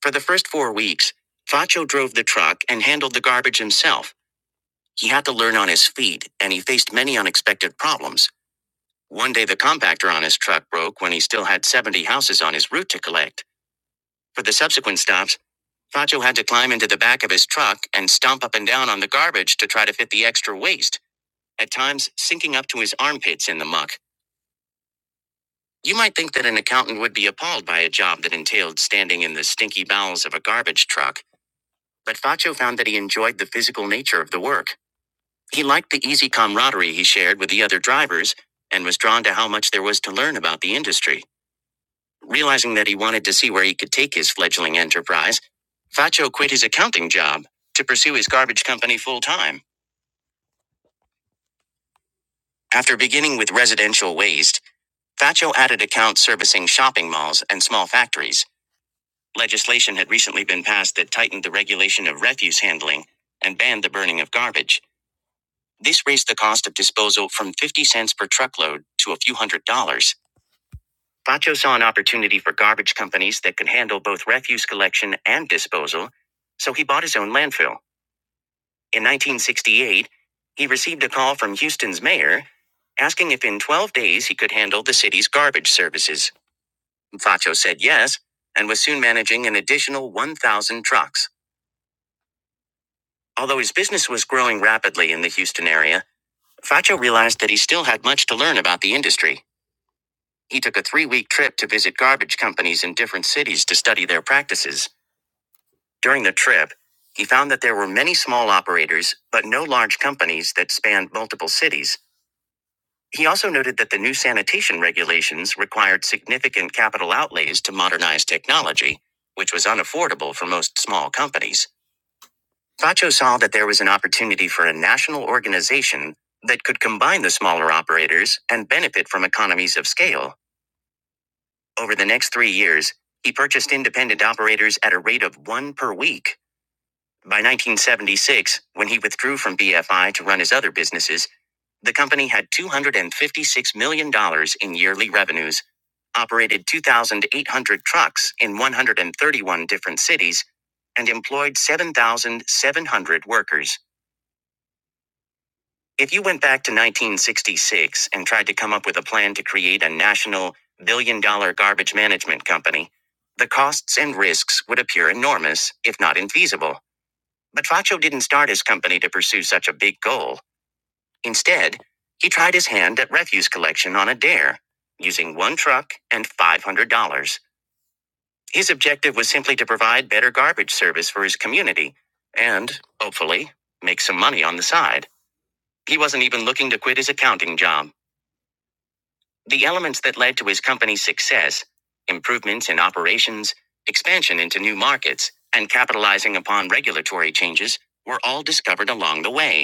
[SPEAKER 1] For the first four weeks, Faccio drove the truck and handled the garbage himself. He had to learn on his feet, and he faced many unexpected problems. One day, the compactor on his truck broke when he still had 70 houses on his route to collect. For the subsequent stops, Facho had to climb into the back of his truck and stomp up and down on the garbage to try to fit the extra waste, at times sinking up to his armpits in the muck. You might think that an accountant would be appalled by a job that entailed standing in the stinky bowels of a garbage truck, but Facho found that he enjoyed the physical nature of the work. He liked the easy camaraderie he shared with the other drivers and was drawn to how much there was to learn about the industry. Realizing that he wanted to see where he could take his fledgling enterprise, Faccio quit his accounting job to pursue his garbage company full time. After beginning with residential waste, Faccio added accounts servicing shopping malls and small factories. Legislation had recently been passed that tightened the regulation of refuse handling and banned the burning of garbage. This raised the cost of disposal from 50 cents per truckload to a few hundred dollars. Bacho saw an opportunity for garbage companies that could handle both refuse collection and disposal, so he bought his own landfill. In 1968, he received a call from Houston's mayor asking if in 12 days he could handle the city's garbage services. Bacho said yes and was soon managing an additional 1,000 trucks. Although his business was growing rapidly in the Houston area, Facho realized that he still had much to learn about the industry. He took a three week trip to visit garbage companies in different cities to study their practices. During the trip, he found that there were many small operators, but no large companies that spanned multiple cities. He also noted that the new sanitation regulations required significant capital outlays to modernize technology, which was unaffordable for most small companies. Facho saw that there was an opportunity for a national organization that could combine the smaller operators and benefit from economies of scale. Over the next three years, he purchased independent operators at a rate of one per week By 1976, when he withdrew from BFI to run his other businesses, the company had $256 million dollars in yearly revenues, operated 2,800 trucks in 131 different cities, and employed 7,700 workers. If you went back to 1966 and tried to come up with a plan to create a national billion dollar garbage management company, the costs and risks would appear enormous, if not infeasible. Matracho didn't start his company to pursue such a big goal. Instead, he tried his hand at refuse collection on a dare, using one truck and $500. His objective was simply to provide better garbage service for his community and, hopefully, make some money on the side. He wasn't even looking to quit his accounting job. The elements that led to his company's success improvements in operations, expansion into new markets, and capitalizing upon regulatory changes were all discovered along the way.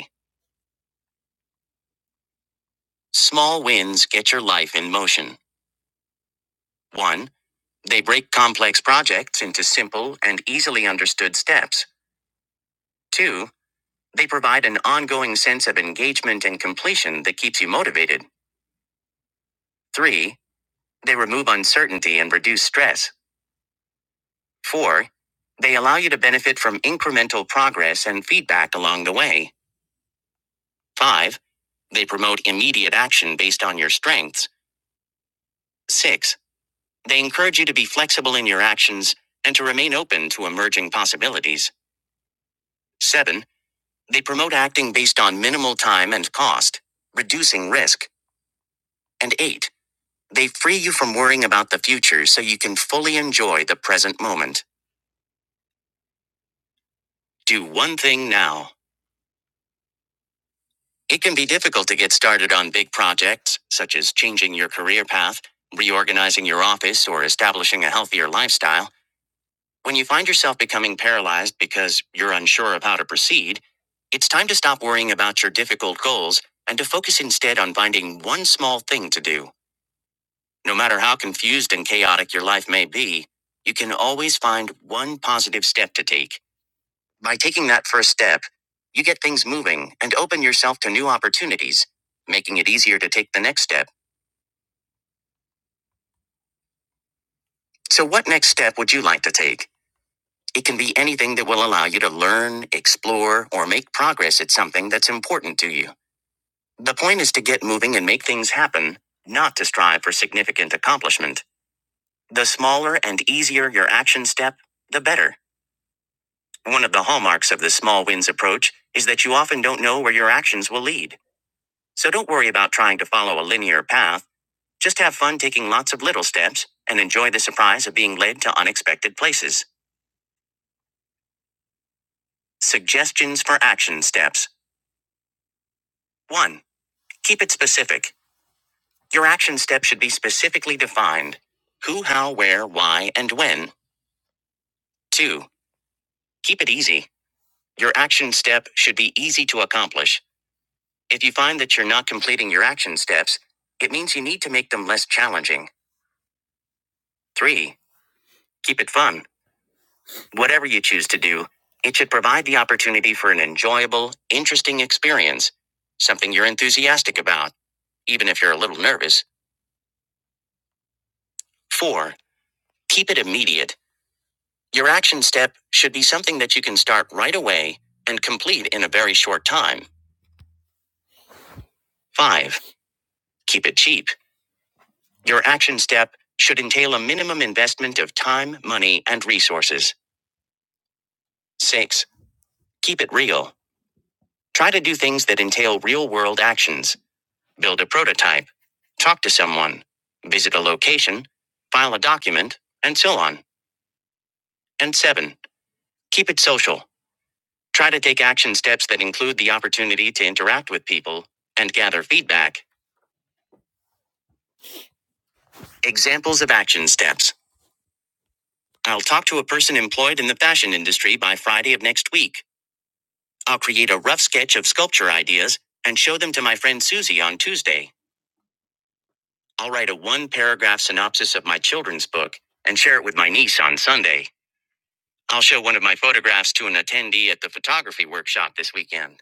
[SPEAKER 1] Small wins get your life in motion. 1. They break complex projects into simple and easily understood steps. 2. They provide an ongoing sense of engagement and completion that keeps you motivated. 3. They remove uncertainty and reduce stress. 4. They allow you to benefit from incremental progress and feedback along the way. 5. They promote immediate action based on your strengths. 6. They encourage you to be flexible in your actions and to remain open to emerging possibilities. 7. They promote acting based on minimal time and cost, reducing risk. And 8. They free you from worrying about the future so you can fully enjoy the present moment. Do one thing now. It can be difficult to get started on big projects, such as changing your career path, reorganizing your office, or establishing a healthier lifestyle. When you find yourself becoming paralyzed because you're unsure of how to proceed, it's time to stop worrying about your difficult goals and to focus instead on finding one small thing to do. No matter how confused and chaotic your life may be, you can always find one positive step to take. By taking that first step, you get things moving and open yourself to new opportunities, making it easier to take the next step. So, what next step would you like to take? It can be anything that will allow you to learn, explore, or make progress at something that's important to you. The point is to get moving and make things happen, not to strive for significant accomplishment. The smaller and easier your action step, the better. One of the hallmarks of the small wins approach is that you often don't know where your actions will lead. So don't worry about trying to follow a linear path. Just have fun taking lots of little steps and enjoy the surprise of being led to unexpected places. Suggestions for action steps. 1. Keep it specific. Your action step should be specifically defined who, how, where, why, and when. 2. Keep it easy. Your action step should be easy to accomplish. If you find that you're not completing your action steps, it means you need to make them less challenging. 3. Keep it fun. Whatever you choose to do, it should provide the opportunity for an enjoyable, interesting experience, something you're enthusiastic about, even if you're a little nervous. 4. Keep it immediate. Your action step should be something that you can start right away and complete in a very short time. 5. Keep it cheap. Your action step should entail a minimum investment of time, money, and resources. 6. Keep it real. Try to do things that entail real world actions. Build a prototype. Talk to someone. Visit a location. File a document. And so on. And 7. Keep it social. Try to take action steps that include the opportunity to interact with people and gather feedback. Examples of action steps. I'll talk to a person employed in the fashion industry by Friday of next week. I'll create a rough sketch of sculpture ideas and show them to my friend Susie on Tuesday. I'll write a one paragraph synopsis of my children's book and share it with my niece on Sunday. I'll show one of my photographs to an attendee at the photography workshop this weekend.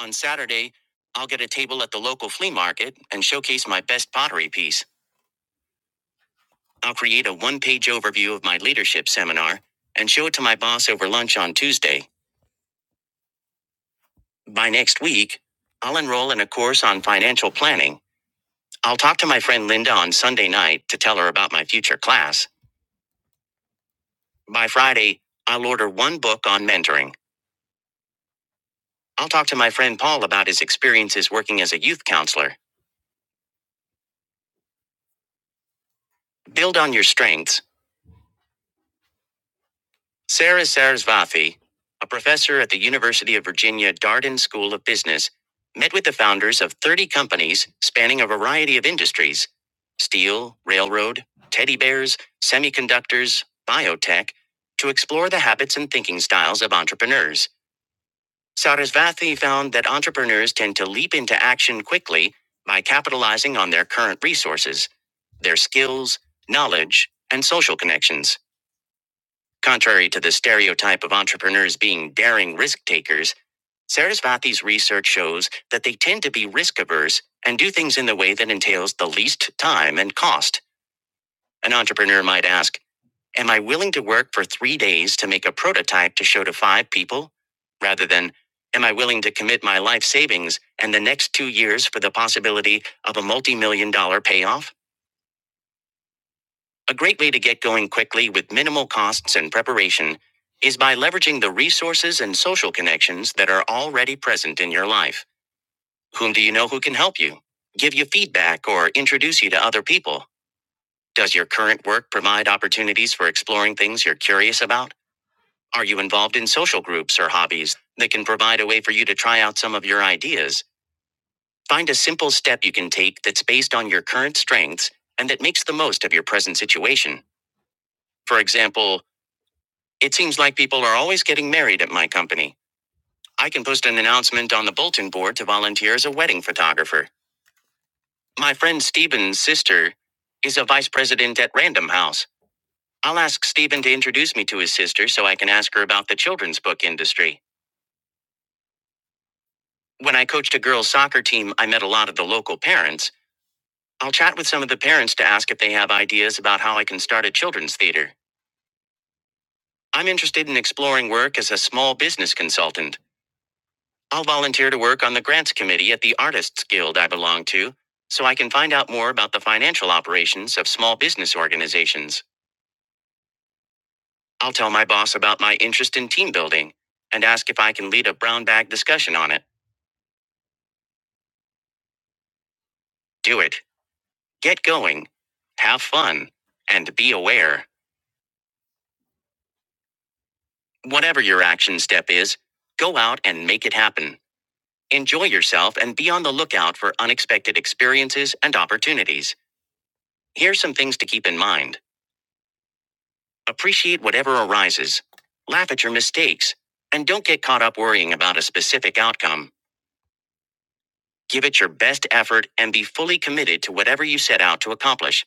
[SPEAKER 1] On Saturday, I'll get a table at the local flea market and showcase my best pottery piece. I'll create a one page overview of my leadership seminar and show it to my boss over lunch on Tuesday. By next week, I'll enroll in a course on financial planning. I'll talk to my friend Linda on Sunday night to tell her about my future class. By Friday, I'll order one book on mentoring. I'll talk to my friend Paul about his experiences working as a youth counselor. Build on your strengths Sarah Sarasvathy, a professor at the University of Virginia Darden School of Business, met with the founders of 30 companies spanning a variety of industries steel, railroad, teddy bears, semiconductors, biotech to explore the habits and thinking styles of entrepreneurs. Sarasvathy found that entrepreneurs tend to leap into action quickly by capitalizing on their current resources, their skills, knowledge, and social connections. Contrary to the stereotype of entrepreneurs being daring risk takers, Sarasvathi's research shows that they tend to be risk averse and do things in the way that entails the least time and cost. An entrepreneur might ask, Am I willing to work for three days to make a prototype to show to five people? Rather than, Am I willing to commit my life savings and the next two years for the possibility of a multi million dollar payoff? A great way to get going quickly with minimal costs and preparation is by leveraging the resources and social connections that are already present in your life. Whom do you know who can help you? Give you feedback or introduce you to other people? Does your current work provide opportunities for exploring things you're curious about? Are you involved in social groups or hobbies that can provide a way for you to try out some of your ideas? Find a simple step you can take that's based on your current strengths and that makes the most of your present situation. For example, It seems like people are always getting married at my company. I can post an announcement on the bulletin board to volunteer as a wedding photographer. My friend Stephen's sister is a vice president at Random House. I'll ask Stephen to introduce me to his sister so I can ask her about the children's book industry. When I coached a girls' soccer team, I met a lot of the local parents. I'll chat with some of the parents to ask if they have ideas about how I can start a children's theater. I'm interested in exploring work as a small business consultant. I'll volunteer to work on the grants committee at the Artists Guild I belong to, so I can find out more about the financial operations of small business organizations. I'll tell my boss about my interest in team building and ask if I can lead a brown bag discussion on it. Do it. Get going. Have fun. And be aware. Whatever your action step is, go out and make it happen. Enjoy yourself and be on the lookout for unexpected experiences and opportunities. Here's some things to keep in mind. Appreciate whatever arises. Laugh at your mistakes. And don't get caught up worrying about a specific outcome. Give it your best effort and be fully committed to whatever you set out to accomplish.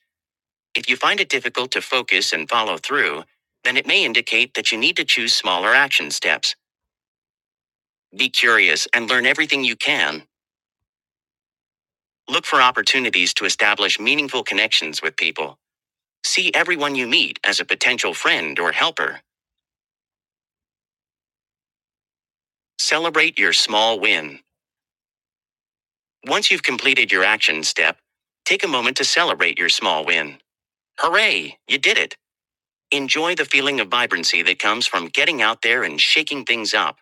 [SPEAKER 1] If you find it difficult to focus and follow through, then it may indicate that you need to choose smaller action steps. Be curious and learn everything you can. Look for opportunities to establish meaningful connections with people. See everyone you meet as a potential friend or helper. Celebrate your small win. Once you've completed your action step, take a moment to celebrate your small win. Hooray, you did it! Enjoy the feeling of vibrancy that comes from getting out there and shaking things up.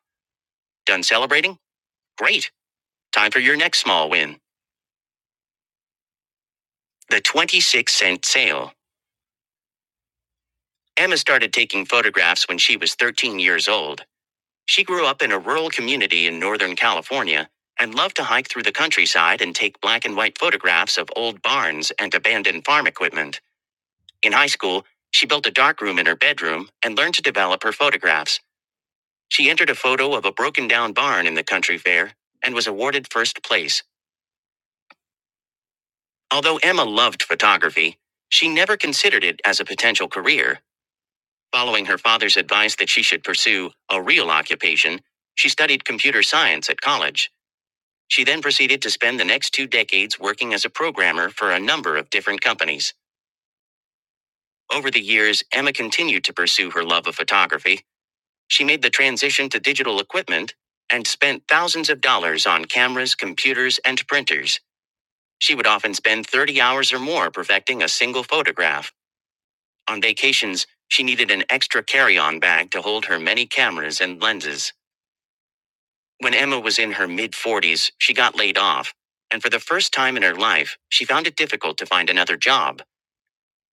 [SPEAKER 1] Done celebrating? Great! Time for your next small win the 26 cent sale. Emma started taking photographs when she was 13 years old. She grew up in a rural community in Northern California and loved to hike through the countryside and take black and white photographs of old barns and abandoned farm equipment. In high school, she built a darkroom in her bedroom and learned to develop her photographs. She entered a photo of a broken down barn in the country fair and was awarded first place. Although Emma loved photography, she never considered it as a potential career. Following her father's advice that she should pursue a real occupation, she studied computer science at college. She then proceeded to spend the next two decades working as a programmer for a number of different companies. Over the years, Emma continued to pursue her love of photography She made the transition to digital equipment and spent thousands of dollars on cameras, computers, and printers. She would often spend 30 hours or more perfecting a single photograph. On vacations, she needed an extra carry on bag to hold her many cameras and lenses. When Emma was in her mid 40s, she got laid off. And for the first time in her life, she found it difficult to find another job.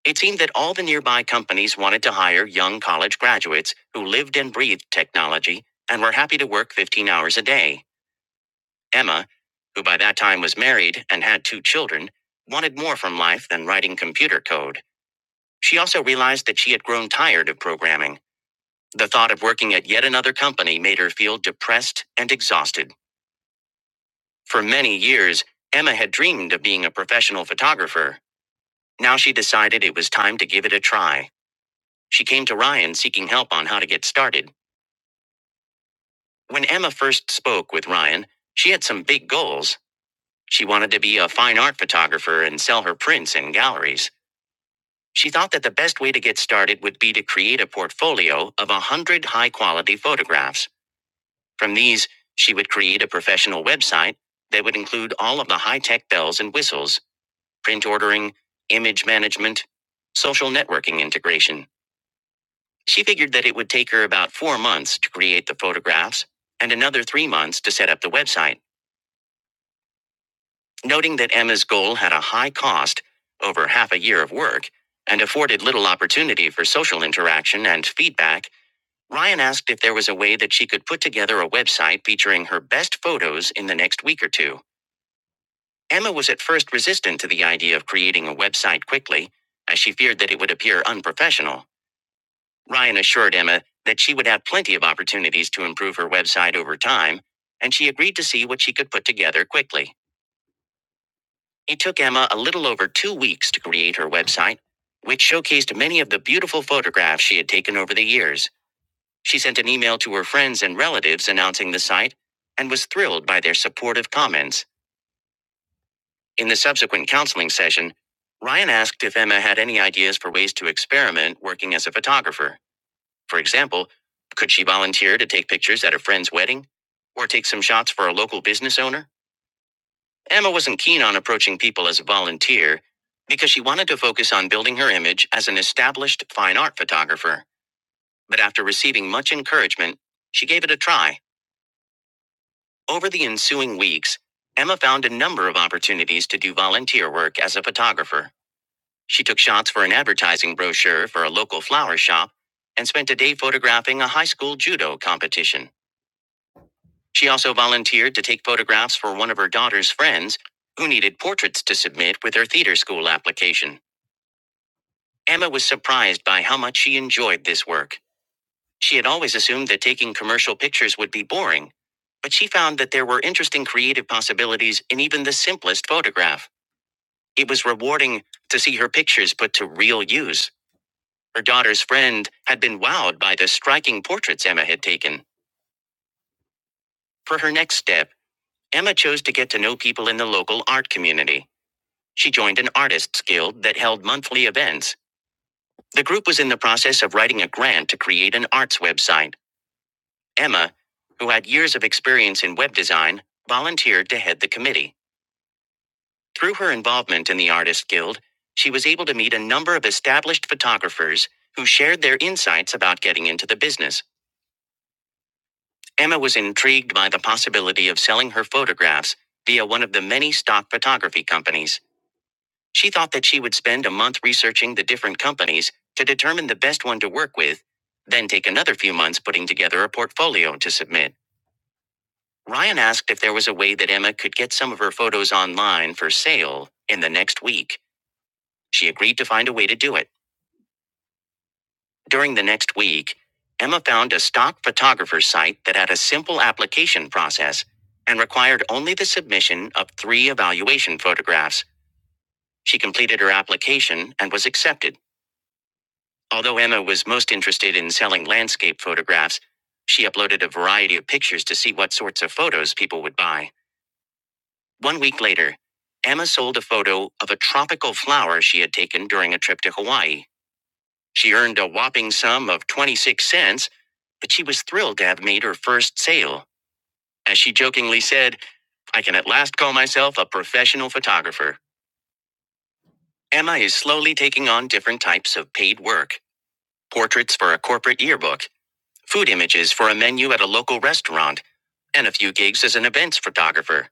[SPEAKER 1] It seemed that all the nearby companies wanted to hire young college graduates who lived and breathed technology and were happy to work 15 hours a day. Emma, who by that time was married and had two children, wanted more from life than writing computer code. She also realized that she had grown tired of programming. The thought of working at yet another company made her feel depressed and exhausted. For many years, Emma had dreamed of being a professional photographer. Now she decided it was time to give it a try. She came to Ryan seeking help on how to get started. When Emma first spoke with Ryan, she had some big goals. She wanted to be a fine art photographer and sell her prints in galleries. She thought that the best way to get started would be to create a portfolio of a hundred high quality photographs. From these, she would create a professional website that would include all of the high tech bells and whistles, print ordering, image management, social networking integration. She figured that it would take her about four months to create the photographs and another three months to set up the website, noting that Emma's goal had a high cost, over half a year of work, and afforded little opportunity for social interaction and feedback. Ryan asked if there was a way that she could put together a website featuring her best photos in the next week or two. Emma was at first resistant to the idea of creating a website quickly, as she feared that it would appear unprofessional. Ryan assured Emma that she would have plenty of opportunities to improve her website over time, and she agreed to see what she could put together quickly. It took Emma a little over two weeks to create her website, which showcased many of the beautiful photographs she had taken over the years. She sent an email to her friends and relatives announcing the site and was thrilled by their supportive comments. In the subsequent counseling session, Ryan asked if Emma had any ideas for ways to experiment working as a photographer. For example, could she volunteer to take pictures at a friend's wedding? Or take some shots for a local business owner? Emma wasn't keen on approaching people as a volunteer because she wanted to focus on building her image as an established fine art photographer. But after receiving much encouragement, she gave it a try. Over the ensuing weeks, Emma found a number of opportunities to do volunteer work as a photographer. She took shots for an advertising brochure for a local flower shop and spent a day photographing a high school judo competition. She also volunteered to take photographs for one of her daughter's friends, who needed portraits to submit with her theater school application. Emma was surprised by how much she enjoyed this work. She had always assumed that taking commercial pictures would be boring, but she found that there were interesting creative possibilities in even the simplest photograph. It was rewarding to see her pictures put to real use. Her daughter's friend had been wowed by the striking portraits Emma had taken. For her next step, Emma chose to get to know people in the local art community. She joined an artists guild that held monthly events. The group was in the process of writing a grant to create an arts website. Emma, who had years of experience in web design, volunteered to head the committee. Through her involvement in the artists guild, she was able to meet a number of established photographers who shared their insights about getting into the business. Emma was intrigued by the possibility of selling her photographs via one of the many stock photography companies. She thought that she would spend a month researching the different companies to determine the best one to work with, then take another few months putting together a portfolio to submit. Ryan asked if there was a way that Emma could get some of her photos online for sale in the next week. She agreed to find a way to do it. During the next week, Emma found a stock photographer site that had a simple application process and required only the submission of three evaluation photographs. She completed her application and was accepted. Although Emma was most interested in selling landscape photographs, she uploaded a variety of pictures to see what sorts of photos people would buy. One week later, Emma sold a photo of a tropical flower she had taken during a trip to Hawaii. She earned a whopping sum of 26 cents, but she was thrilled to have made her first sale. As she jokingly said, I can at last call myself a professional photographer. Emma is slowly taking on different types of paid work portraits for a corporate yearbook food images for a menu at a local restaurant, and a few gigs as an events photographer.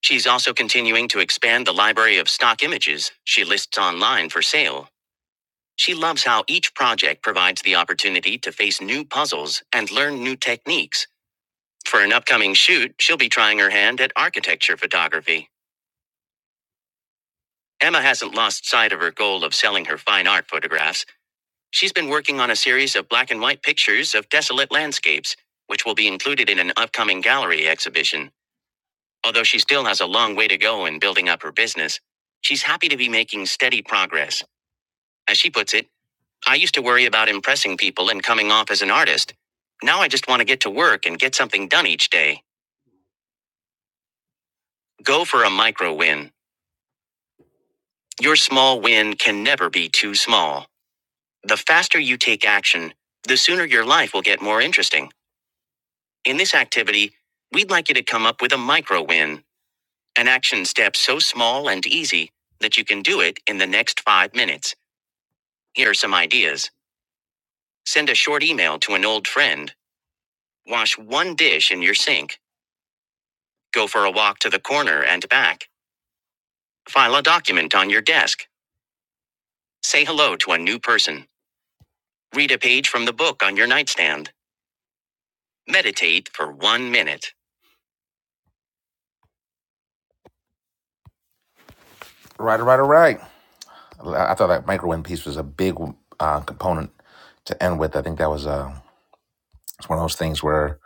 [SPEAKER 1] She's also continuing to expand the library of stock images she lists online for sale. She loves how each project provides the opportunity to face new puzzles and learn new techniques. For an upcoming shoot, she'll be trying her hand at architecture photography. Emma hasn't lost sight of her goal of selling her fine art photographs. She's been working on a series of black and white pictures of desolate landscapes, which will be included in an upcoming gallery exhibition. Although she still has a long way to go in building up her business, she's happy to be making steady progress. As she puts it, I used to worry about impressing people and coming off as an artist. Now I just want to get to work and get something done each day. Go for a micro win. Your small win can never be too small. The faster you take action, the sooner your life will get more interesting. In this activity, we'd like you to come up with a micro win, an action step so small and easy that you can do it in the next five minutes. Here are some ideas. Send a short email to an old friend. Wash one dish in your sink. Go for a walk to the corner and back. File a document on your desk. Say hello to a new person. Read a page from the book on your nightstand. Meditate for one minute. Right, right, right. I thought that micro wind piece was a big uh, component to end with. I think that was uh, it's one of those things where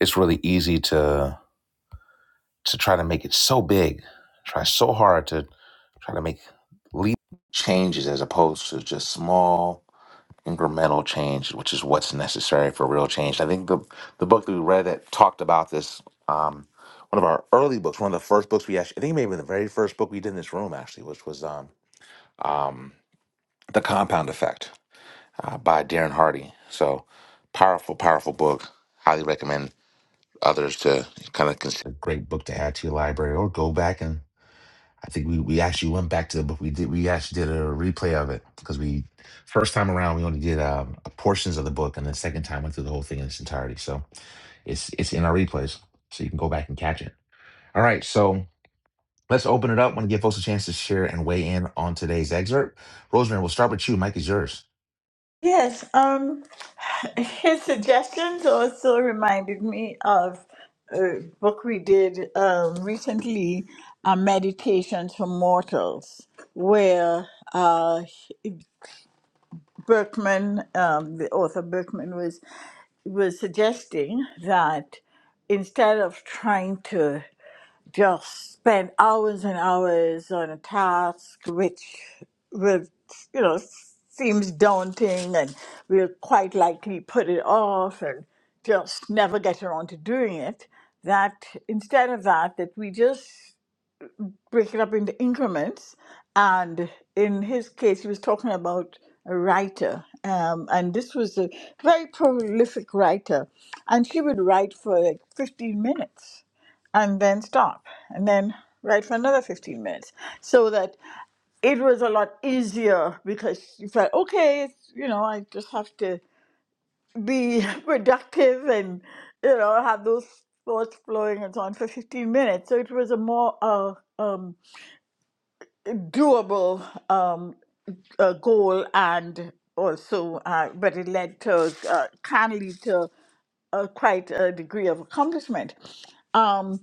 [SPEAKER 1] it's really easy to to try to make it so big, try so hard to Try to make leap changes as opposed to just small incremental change, which is what's necessary for real change. I think the the book that we read that talked about this, um, one of our early books, one of the first books we actually, I think maybe the very first book we did in this room actually, which was um, The Compound Effect uh, by Darren Hardy. So powerful, powerful book. Highly recommend others to kind of consider a great book to add to your library or go back and I think we, we actually went back to, but we did we actually did a replay of it because we first time around we only did um, portions of the book, and the second time went through the whole thing in its entirety. So it's it's in our replays, so you can go back and catch it. All right, so let's open it up. Want to give folks a chance to share and weigh in on today's excerpt. Rosemary, we'll start with you. Mike is yours.
[SPEAKER 7] Yes, um, his suggestions also reminded me of a book we did um, recently, uh, Meditations for Mortals, where uh, Berkman, um, the author Berkman, was was suggesting that instead of trying to just spend hours and hours on a task which would you know seems daunting and we'll quite likely put it off and just never get around to doing it that instead of that that we just break it up into increments. And in his case, he was talking about a writer. Um, and this was a very prolific writer. And she would write for like 15 minutes and then stop and then write for another 15 minutes. So that it was a lot easier because you felt, okay, it's, you know, I just have to be productive and, you know, have those thoughts flowing and so on for 15 minutes. So it was a more uh, um, doable um, uh, goal and also uh, but it led to uh, can lead to uh, quite a degree of accomplishment. Um,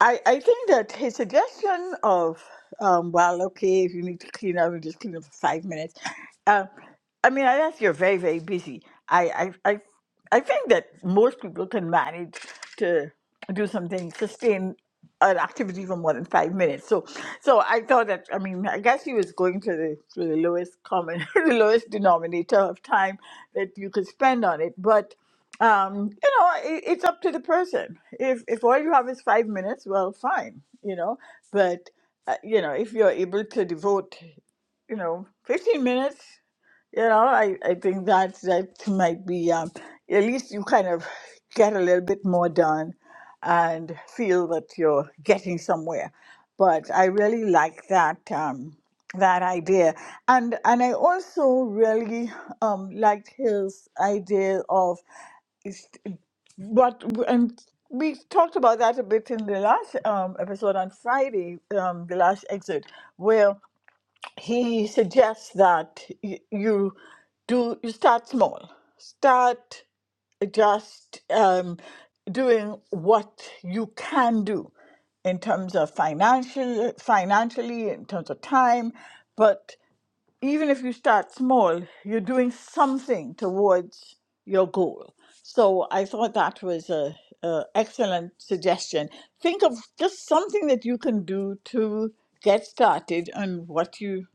[SPEAKER 7] I, I think that his suggestion of, um, well, okay, if you need to clean up, you just clean up for five minutes. Um, I mean, unless you're very, very busy, I, I, I, I think that most people can manage to do something, sustain an activity for more than five minutes. So, so I thought that. I mean, I guess he was going to the to the lowest common, the lowest denominator of time that you could spend on it. But um, you know, it, it's up to the person. If if all you have is five minutes, well, fine, you know. But uh, you know, if you're able to devote, you know, fifteen minutes. You know, I, I think that that might be um, at least you kind of get a little bit more done and feel that you're getting somewhere. But I really like that um, that idea, and and I also really um, liked his idea of is- what and we talked about that a bit in the last um, episode on Friday, um, the last exit, where he suggests that y- you do you start small start just um, doing what you can do in terms of financial financially in terms of time but even if you start small you're doing something towards your goal so i thought that was a, a excellent suggestion think of just something that you can do to get started on what you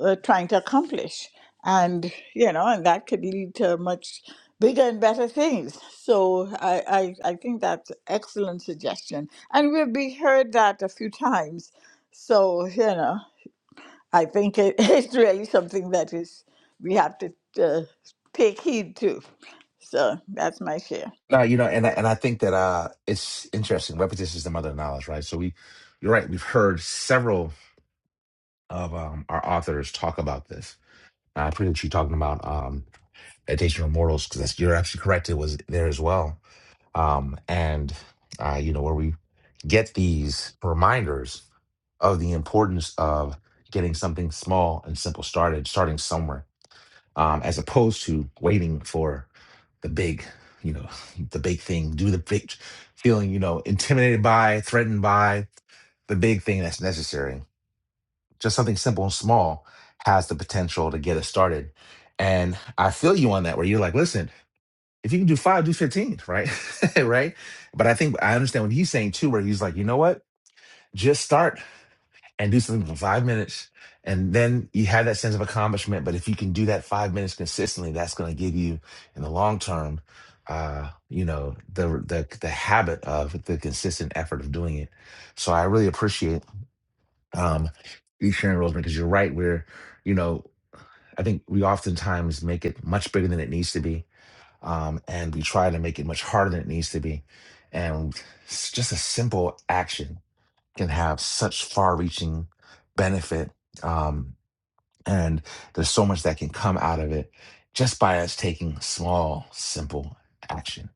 [SPEAKER 7] uh, trying to accomplish and you know and that could lead to much bigger and better things so i i, I think that's an excellent suggestion and we've be heard that a few times so you know i think it, it's really something that is we have to uh, take heed to so that's my share
[SPEAKER 1] No, you know, and I, and I think that uh, it's interesting. Repetition is the mother of knowledge, right? So we, you're right. We've heard several of um, our authors talk about this. I appreciate you talking about. um, Meditation of Mortals, because you're absolutely correct. It was there as well. Um, and, uh, you know, where we get these reminders of the importance of getting something small and simple started, starting somewhere, um, as opposed to waiting for the big, you know, the big thing, do the big, feeling, you know, intimidated by, threatened by the big thing that's necessary. Just something simple and small has the potential to get us started. And I feel you on that, where you're like, listen, if you can do five, do 15, right? right. But I think I understand what he's saying too, where he's like, you know what? Just start and do something for five minutes. And then you have that sense of accomplishment. But if you can do that five minutes consistently, that's going to give you in the long term, uh, you know, the, the, the habit of the consistent effort of doing it. So I really appreciate, um, you sharing Rosemary, because you're right. Where you know, I think we oftentimes make it much bigger than it needs to be um, and we try to make it much harder than it needs to be. And s- just a simple action can have such far-reaching benefit. Um, and there's so much that can come out of it just by us taking small, simple action,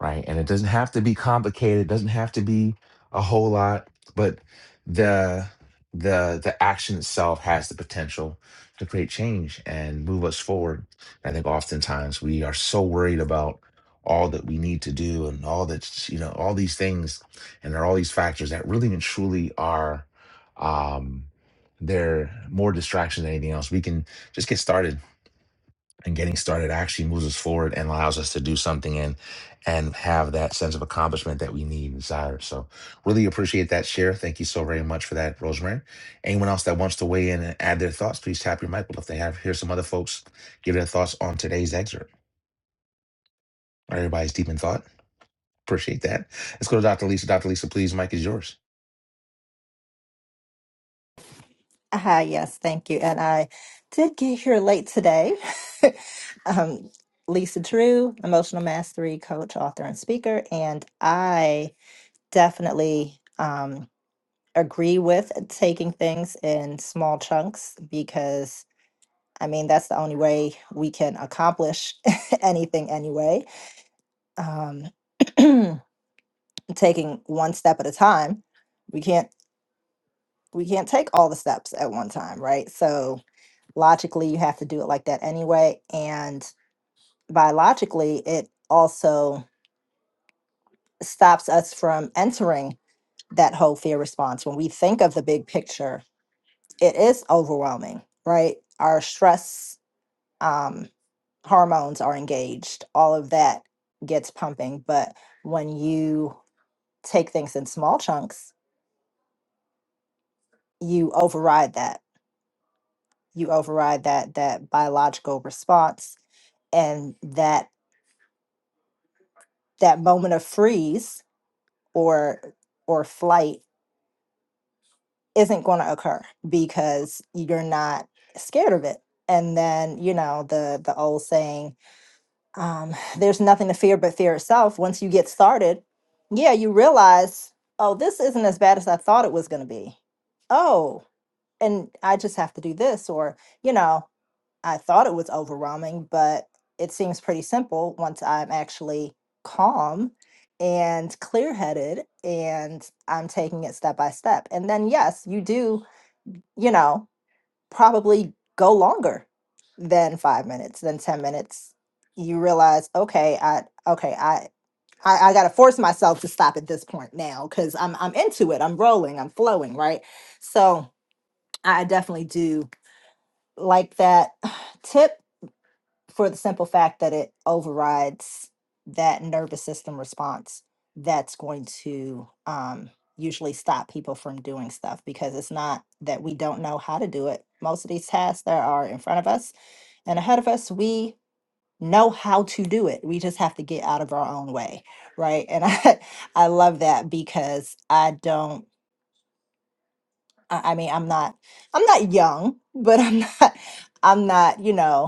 [SPEAKER 1] right? And it doesn't have to be complicated, it doesn't have to be a whole lot, but the the the action itself has the potential to create change and move us forward. I think oftentimes we are so worried about all that we need to do and all that's you know all these things and there are all these factors that really and truly are um they're more distraction than anything else. We can just get started, and getting started actually moves us forward and allows us to do something and and have that sense of accomplishment that we need and desire. So, really appreciate that share. Thank you so very much for that, Rosemary. Anyone else that wants to weigh in and add their thoughts, please tap your mic. But if they have, here's some other folks give their thoughts on today's excerpt. All right, everybody's deep in thought. Appreciate that. Let's go to Dr. Lisa. Dr. Lisa, please, mic is yours.
[SPEAKER 10] Hi, yes, thank you. And I did get here late today. Um, Lisa Drew, emotional mastery coach, author, and speaker. And I definitely um, agree with taking things in small chunks because, I mean, that's the only way we can accomplish anything anyway. Um, taking one step at a time, we can't we can't take all the steps at one time, right? So logically you have to do it like that anyway and biologically it also stops us from entering that whole fear response when we think of the big picture it is overwhelming right our stress um, hormones are engaged all of that gets pumping but when you take things in small chunks you override that you override that that biological response and that that moment of freeze or or flight isn't going to occur because you're not scared of it and then you know the the old saying um there's nothing to fear but fear itself once you get started yeah you realize oh this isn't as bad as i thought it was going to be oh and i just have to do this or you know I thought it was overwhelming, but it seems pretty simple once I'm actually calm and clear headed and I'm taking it step by step. And then, yes, you do, you know, probably go longer than five minutes, than 10 minutes. You realize, okay, I, okay, I, I, I gotta force myself to stop at this point now because I'm I'm into it. I'm rolling. I'm flowing. Right. So I definitely do like that tip for the simple fact that it overrides that nervous system response that's going to um, usually stop people from doing stuff because it's not that we don't know how to do it. Most of these tasks that are in front of us and ahead of us, we know how to do it. We just have to get out of our own way, right? And I, I love that because I don't. I I mean, I'm not. I'm not young, but I'm not. I'm not. You know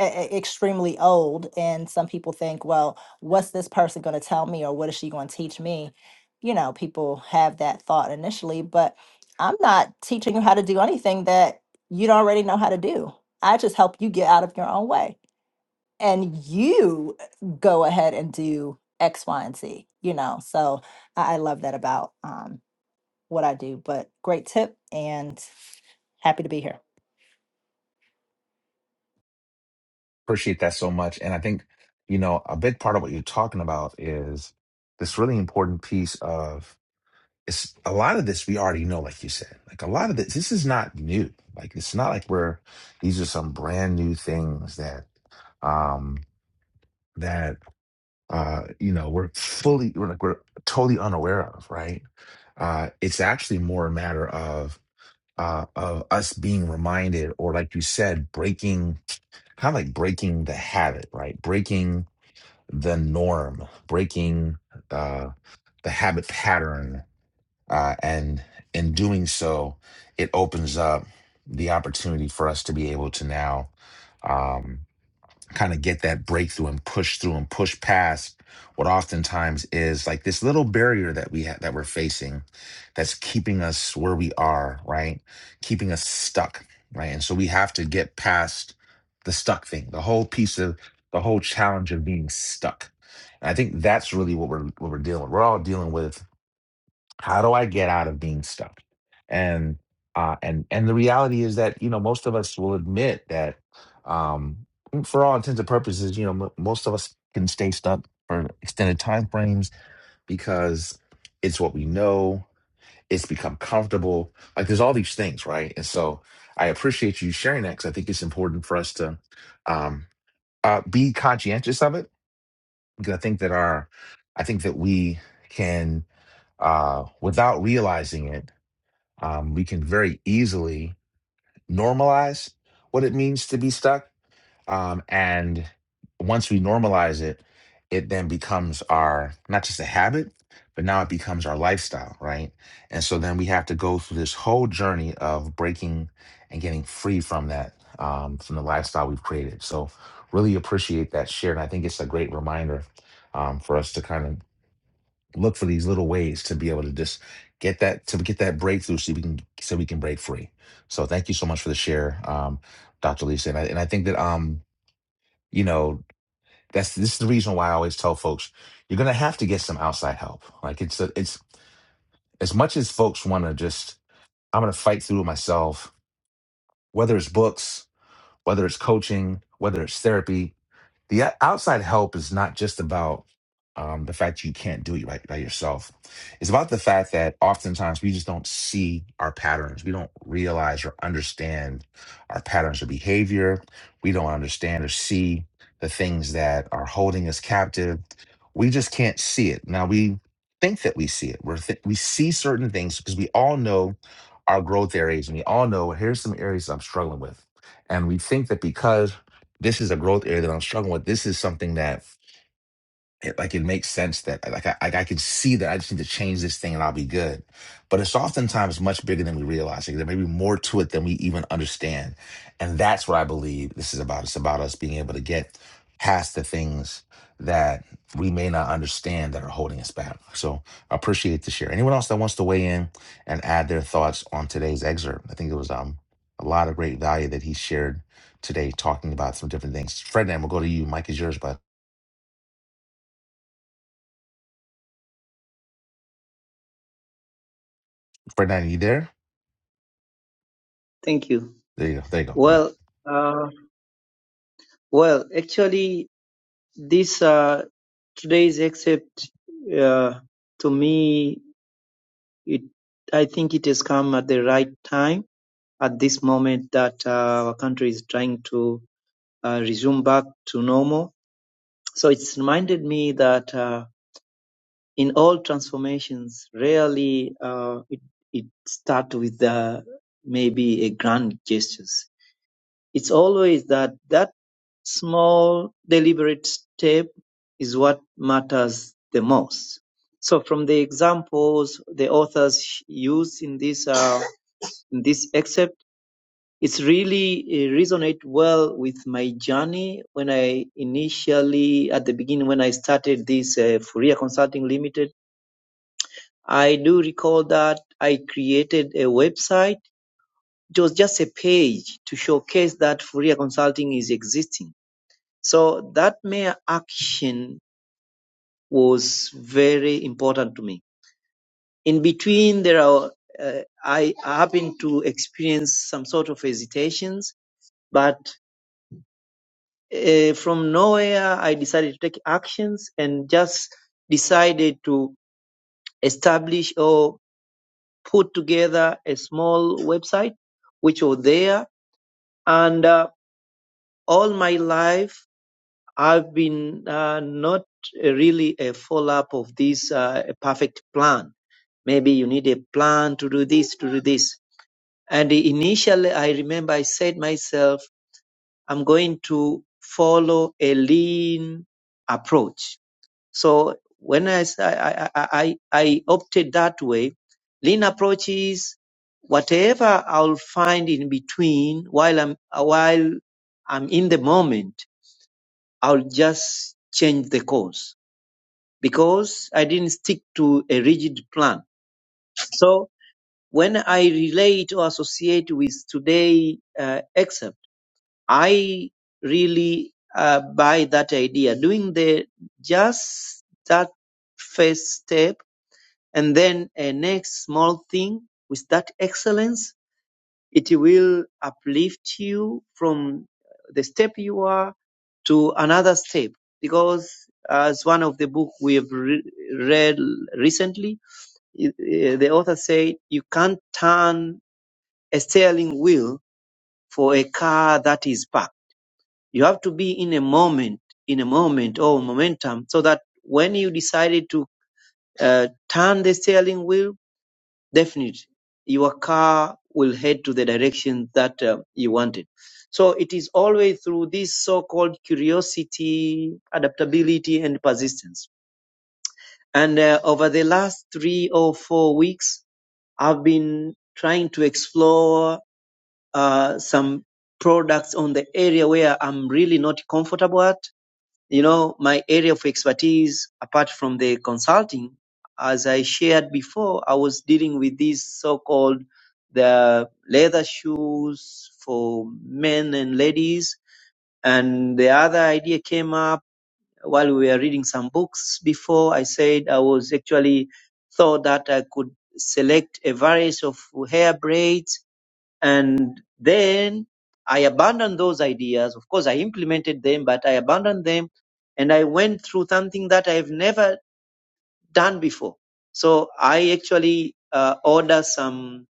[SPEAKER 10] e- e- extremely old and some people think well what's this person going to tell me or what is she going to teach me you know people have that thought initially but i'm not teaching you how to do anything that you don't already know how to do i just help you get out of your own way and you go ahead and do x y and z you know so i, I love that about um, what i do but great tip and Happy to be here.
[SPEAKER 1] Appreciate that so much. And I think, you know, a big part of what you're talking about is this really important piece of it's a lot of this we already know, like you said. Like a lot of this, this is not new. Like it's not like we're these are some brand new things that um that uh you know we're fully we're like we're totally unaware of, right? Uh it's actually more a matter of uh of us being reminded or like you said, breaking kind of like breaking the habit, right? Breaking the norm, breaking uh, the habit pattern. Uh, and in doing so, it opens up the opportunity for us to be able to now um, kind of get that breakthrough and push through and push past what oftentimes is like this little barrier that we ha- that we're facing that's keeping us where we are right keeping us stuck right and so we have to get past the stuck thing the whole piece of the whole challenge of being stuck and i think that's really what we're what we're dealing with we're all dealing with how do I get out of being stuck? And uh, and and the reality is that you know most of us will admit that um, for all intents and purposes, you know m- most of us can stay stuck for extended time frames because it's what we know. It's become comfortable. Like there's all these things, right? And so I appreciate you sharing that because I think it's important for us to um, uh, be conscientious of it because I think that our I think that we can uh, without realizing it um, we can very easily normalize what it means to be stuck. Um, and once we normalize it, it then becomes our not just a habit, but now it becomes our lifestyle, right? And so then we have to go through this whole journey of breaking and getting free from that, um, from the lifestyle we've created. So really appreciate that share. And I think it's a great reminder um, for us to kind of look for these little ways to be able to just get that to get that breakthrough so we can so we can break free so thank you so much for the share um dr lisa and i, and I think that um you know that's this is the reason why i always tell folks you're gonna have to get some outside help like it's a, it's as much as folks want to just i'm gonna fight through it myself whether it's books whether it's coaching whether it's therapy the o- outside help is not just about um, the fact you can't do it by, by yourself. It's about the fact that oftentimes we just don't see our patterns. We don't realize or understand our patterns of behavior. We don't understand or see the things that are holding us captive. We just can't see it. Now we think that we see it. We're th- we see certain things because we all know our growth areas and we all know here's some areas I'm struggling with. And we think that because this is a growth area that I'm struggling with. This is something that it like it makes sense that like I, I I can see that I just need to change this thing and I'll be good. But it's oftentimes much bigger than we realize. Like, there may be more to it than we even understand, and that's what I believe this is about. It's about us being able to get past the things that we may not understand that are holding us back. So I appreciate the share. Anyone else that wants to weigh in and add their thoughts on today's excerpt? I think it was um a lot of great value that he shared today talking about some different things. Fred, we'll go to you. Mike is yours, but Fred, are you there?
[SPEAKER 3] thank you
[SPEAKER 1] There you go. There you go. Yeah.
[SPEAKER 3] well uh, well actually this uh, today's except uh, to me it i think it has come at the right time at this moment that uh, our country is trying to uh, resume back to normal. So it's reminded me that uh, in all transformations, rarely uh, it it starts with uh, maybe a grand gestures. It's always that that small deliberate step is what matters the most. So from the examples the authors use in this uh, in this excerpt it's really uh, resonate well with my journey when I initially at the beginning when I started this uh, Fourier Consulting Limited. I do recall that I created a website. It was just a page to showcase that Fourier Consulting is existing. So that mere action was very important to me. In between, there are uh, I happened to experience some sort of hesitations, but uh, from nowhere, I decided to take actions and just decided to establish or put together a small website, which was there. And uh, all my life, I've been uh, not really a follow up of this uh, perfect plan. Maybe you need a plan to do this, to do this. And initially, I remember I said myself, I'm going to follow a lean approach So when I, s- I, I, I- I opted that way, lean approach is whatever I'll find in between while I'm, while I'm in the moment, I'll just change the course because I didn't stick to a rigid plan. So when I relate or associate with today uh, except I really uh, buy that idea doing the just that first step and then a next small thing with that excellence it will uplift you from the step you are to another step because as one of the book we have re- read recently i- i- the author said you can't turn a steering wheel for a car that is parked you have to be in a moment in a moment or momentum so that when you decided to uh, turn the steering wheel definite your car will head to the direction that uh, you wanted so it is always through this so-called curiosity adaptability and persistence and uh, over the last three or four weeks i've been trying to explore uh, some products on the area where i'm really not comfortable at you know, my area of expertise, apart from the consulting, as I shared before, I was dealing with these so-called the leather shoes for men and ladies. And the other idea came up while we were reading some books before. I said I was actually thought that I could select a variety of hair braids and then I abandoned those ideas. Of course, I implemented them, but I abandoned them and I went through something that I've never done before. So I actually uh, order some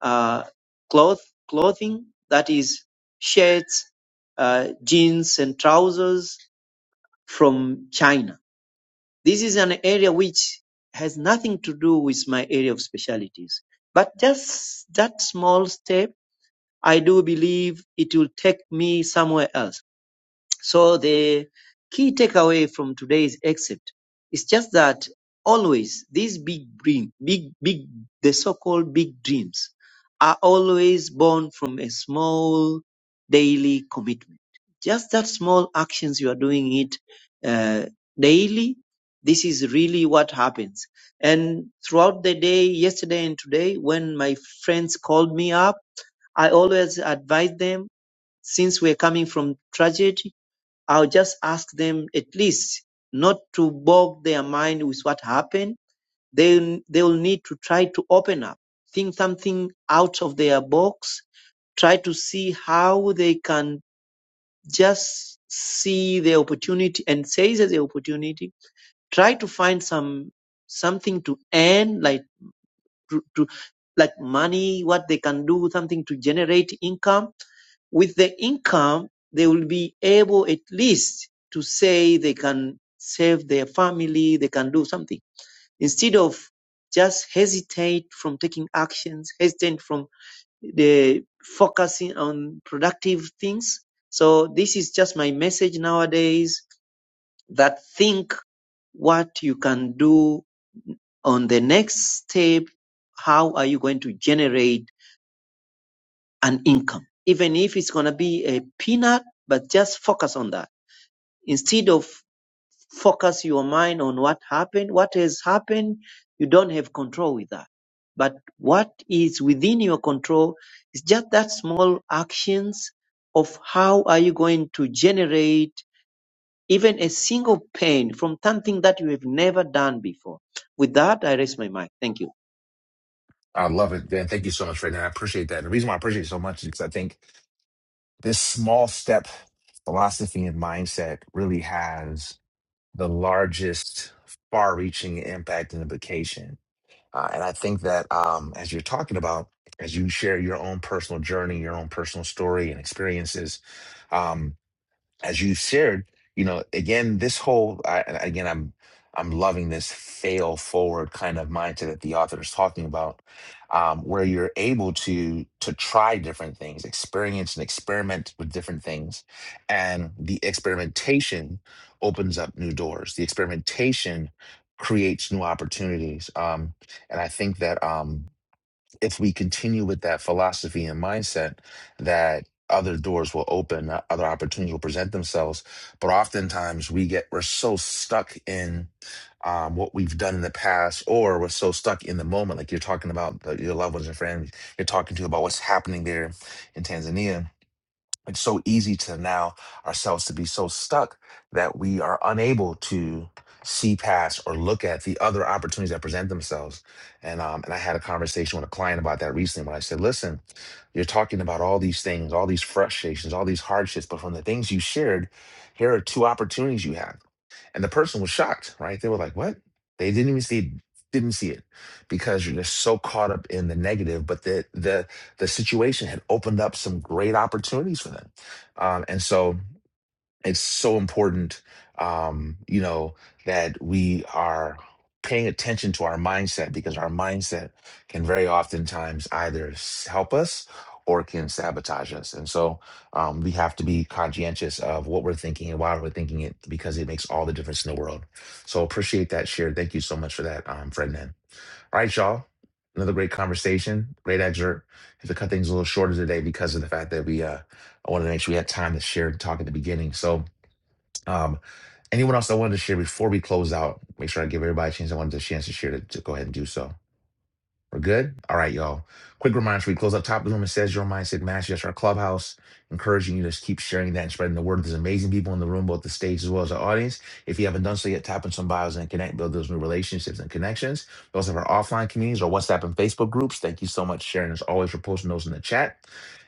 [SPEAKER 3] uh, cloth clothing that is shirts, uh, jeans, and trousers from China. This is an area which has nothing to do with my area of specialties, but just that small step I do believe it will take me somewhere else. So the key takeaway from today's exit is just that always these big dream, big, big, the so-called big dreams are always born from a small daily commitment. Just that small actions you are doing it uh, daily. This is really what happens. And throughout the day, yesterday and today, when my friends called me up, I always advise them, since we're coming from tragedy, I'll just ask them at least not to bog their mind with what happened. They they'll need to try to open up, think something out of their box, try to see how they can just see the opportunity and seize the opportunity. Try to find some something to earn, like to, to like money, what they can do, something to generate income with the income, they will be able at least to say they can save their family, they can do something. Instead of just hesitate from taking actions, hesitant from the focusing on productive things. So this is just my message nowadays that think what you can do on the next step. How are you going to generate an income? Even if it's going to be a peanut, but just focus on that Instead of focus your mind on what happened, what has happened, you don't have control with that. But what is within your control is just that small actions of how are you going to generate even a single pain from something that you have never done before. With that, I raise my mic. Thank you.
[SPEAKER 1] I love it, Dan. Thank you so much for that. I appreciate that. And the reason why I appreciate it so much is because I think this small step philosophy and mindset really has the largest, far reaching impact and implication. Uh, and I think that um, as you're talking about, as you share your own personal journey, your own personal story and experiences, um, as you shared, you know, again, this whole I, and again, I'm I'm loving this fail forward kind of mindset that the author is talking about, um, where you're able to to try different things, experience and experiment with different things, and the experimentation opens up new doors. The experimentation creates new opportunities, um, and I think that. Um, if we continue with that philosophy and mindset that other doors will open, uh, other opportunities will present themselves. But oftentimes we get, we're so stuck in um, what we've done in the past, or we're so stuck in the moment. Like you're talking about the, your loved ones and friends, you're talking to about what's happening there in Tanzania it's so easy to now ourselves to be so stuck that we are unable to see past or look at the other opportunities that present themselves. And um, and I had a conversation with a client about that recently when I said, listen, you're talking about all these things, all these frustrations, all these hardships, but from the things you shared, here are two opportunities you have and the person was shocked, right? They were like, "What?" They didn't even see didn't see it because you're just so caught up in the negative. But the the the situation had opened up some great opportunities for them, um, and so it's so important um you know that we are paying attention to our mindset because our mindset can very oftentimes either s- help us or can sabotage us and so um, we have to be conscientious of what we're thinking and why we're thinking it because it makes all the difference in the world so appreciate that share thank you so much for that um, friend then all right y'all another great conversation great excerpt have to cut things a little shorter today because of the fact that we uh, i wanted to make sure we had time to share and talk at the beginning so um, anyone else I wanted to share before we close out? Make sure I give everybody a chance. I wanted a chance to share to, to go ahead and do so. We're good? All right, y'all. Quick reminder before we close up top of the room. It says your mindset matches. That's our clubhouse. Encouraging you to just keep sharing that and spreading the word. There's amazing people in the room, both the stage as well as the audience. If you haven't done so yet, tap in some bios and connect, build those new relationships and connections. We also have our offline communities our WhatsApp and Facebook groups. Thank you so much, Sharon, as always, for posting those in the chat.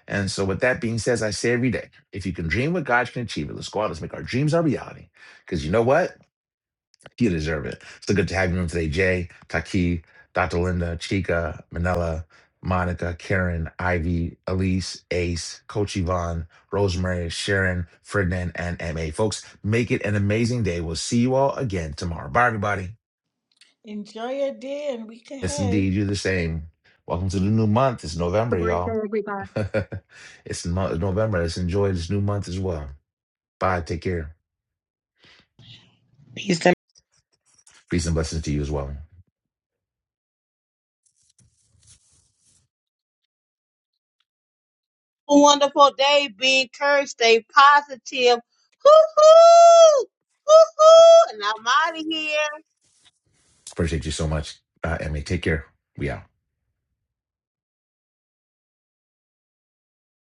[SPEAKER 1] And so, with that being said, as I say every day, if you can dream what God can achieve it, let's go out, let's make our dreams our reality. Because you know what? You deserve it. So good to have you in today, Jay, Taki, Dr. Linda, Chica, Manella, Monica, Karen, Ivy, Elise, Ace, Coach Yvonne, Rosemary, Sharon, Ferdinand, and MA. Folks, make it an amazing day. We'll see you all again tomorrow. Bye, everybody.
[SPEAKER 7] enjoy your day and week
[SPEAKER 1] Yes,
[SPEAKER 7] ahead
[SPEAKER 1] indeed. You the same. Welcome to the new month. It's
[SPEAKER 6] Have a
[SPEAKER 1] November,
[SPEAKER 6] great day,
[SPEAKER 1] y'all.
[SPEAKER 6] everybody.
[SPEAKER 1] it's mo- November. Let's enjoy this new month as well. Bye. Take care.
[SPEAKER 11] Peace.
[SPEAKER 1] Peace and blessings to you as well.
[SPEAKER 4] A wonderful day. Be encouraged. Stay positive. Hoo hoo! Hoo hoo! And I'm out of here.
[SPEAKER 1] Appreciate you so much, uh, Emmy. Take care. We out.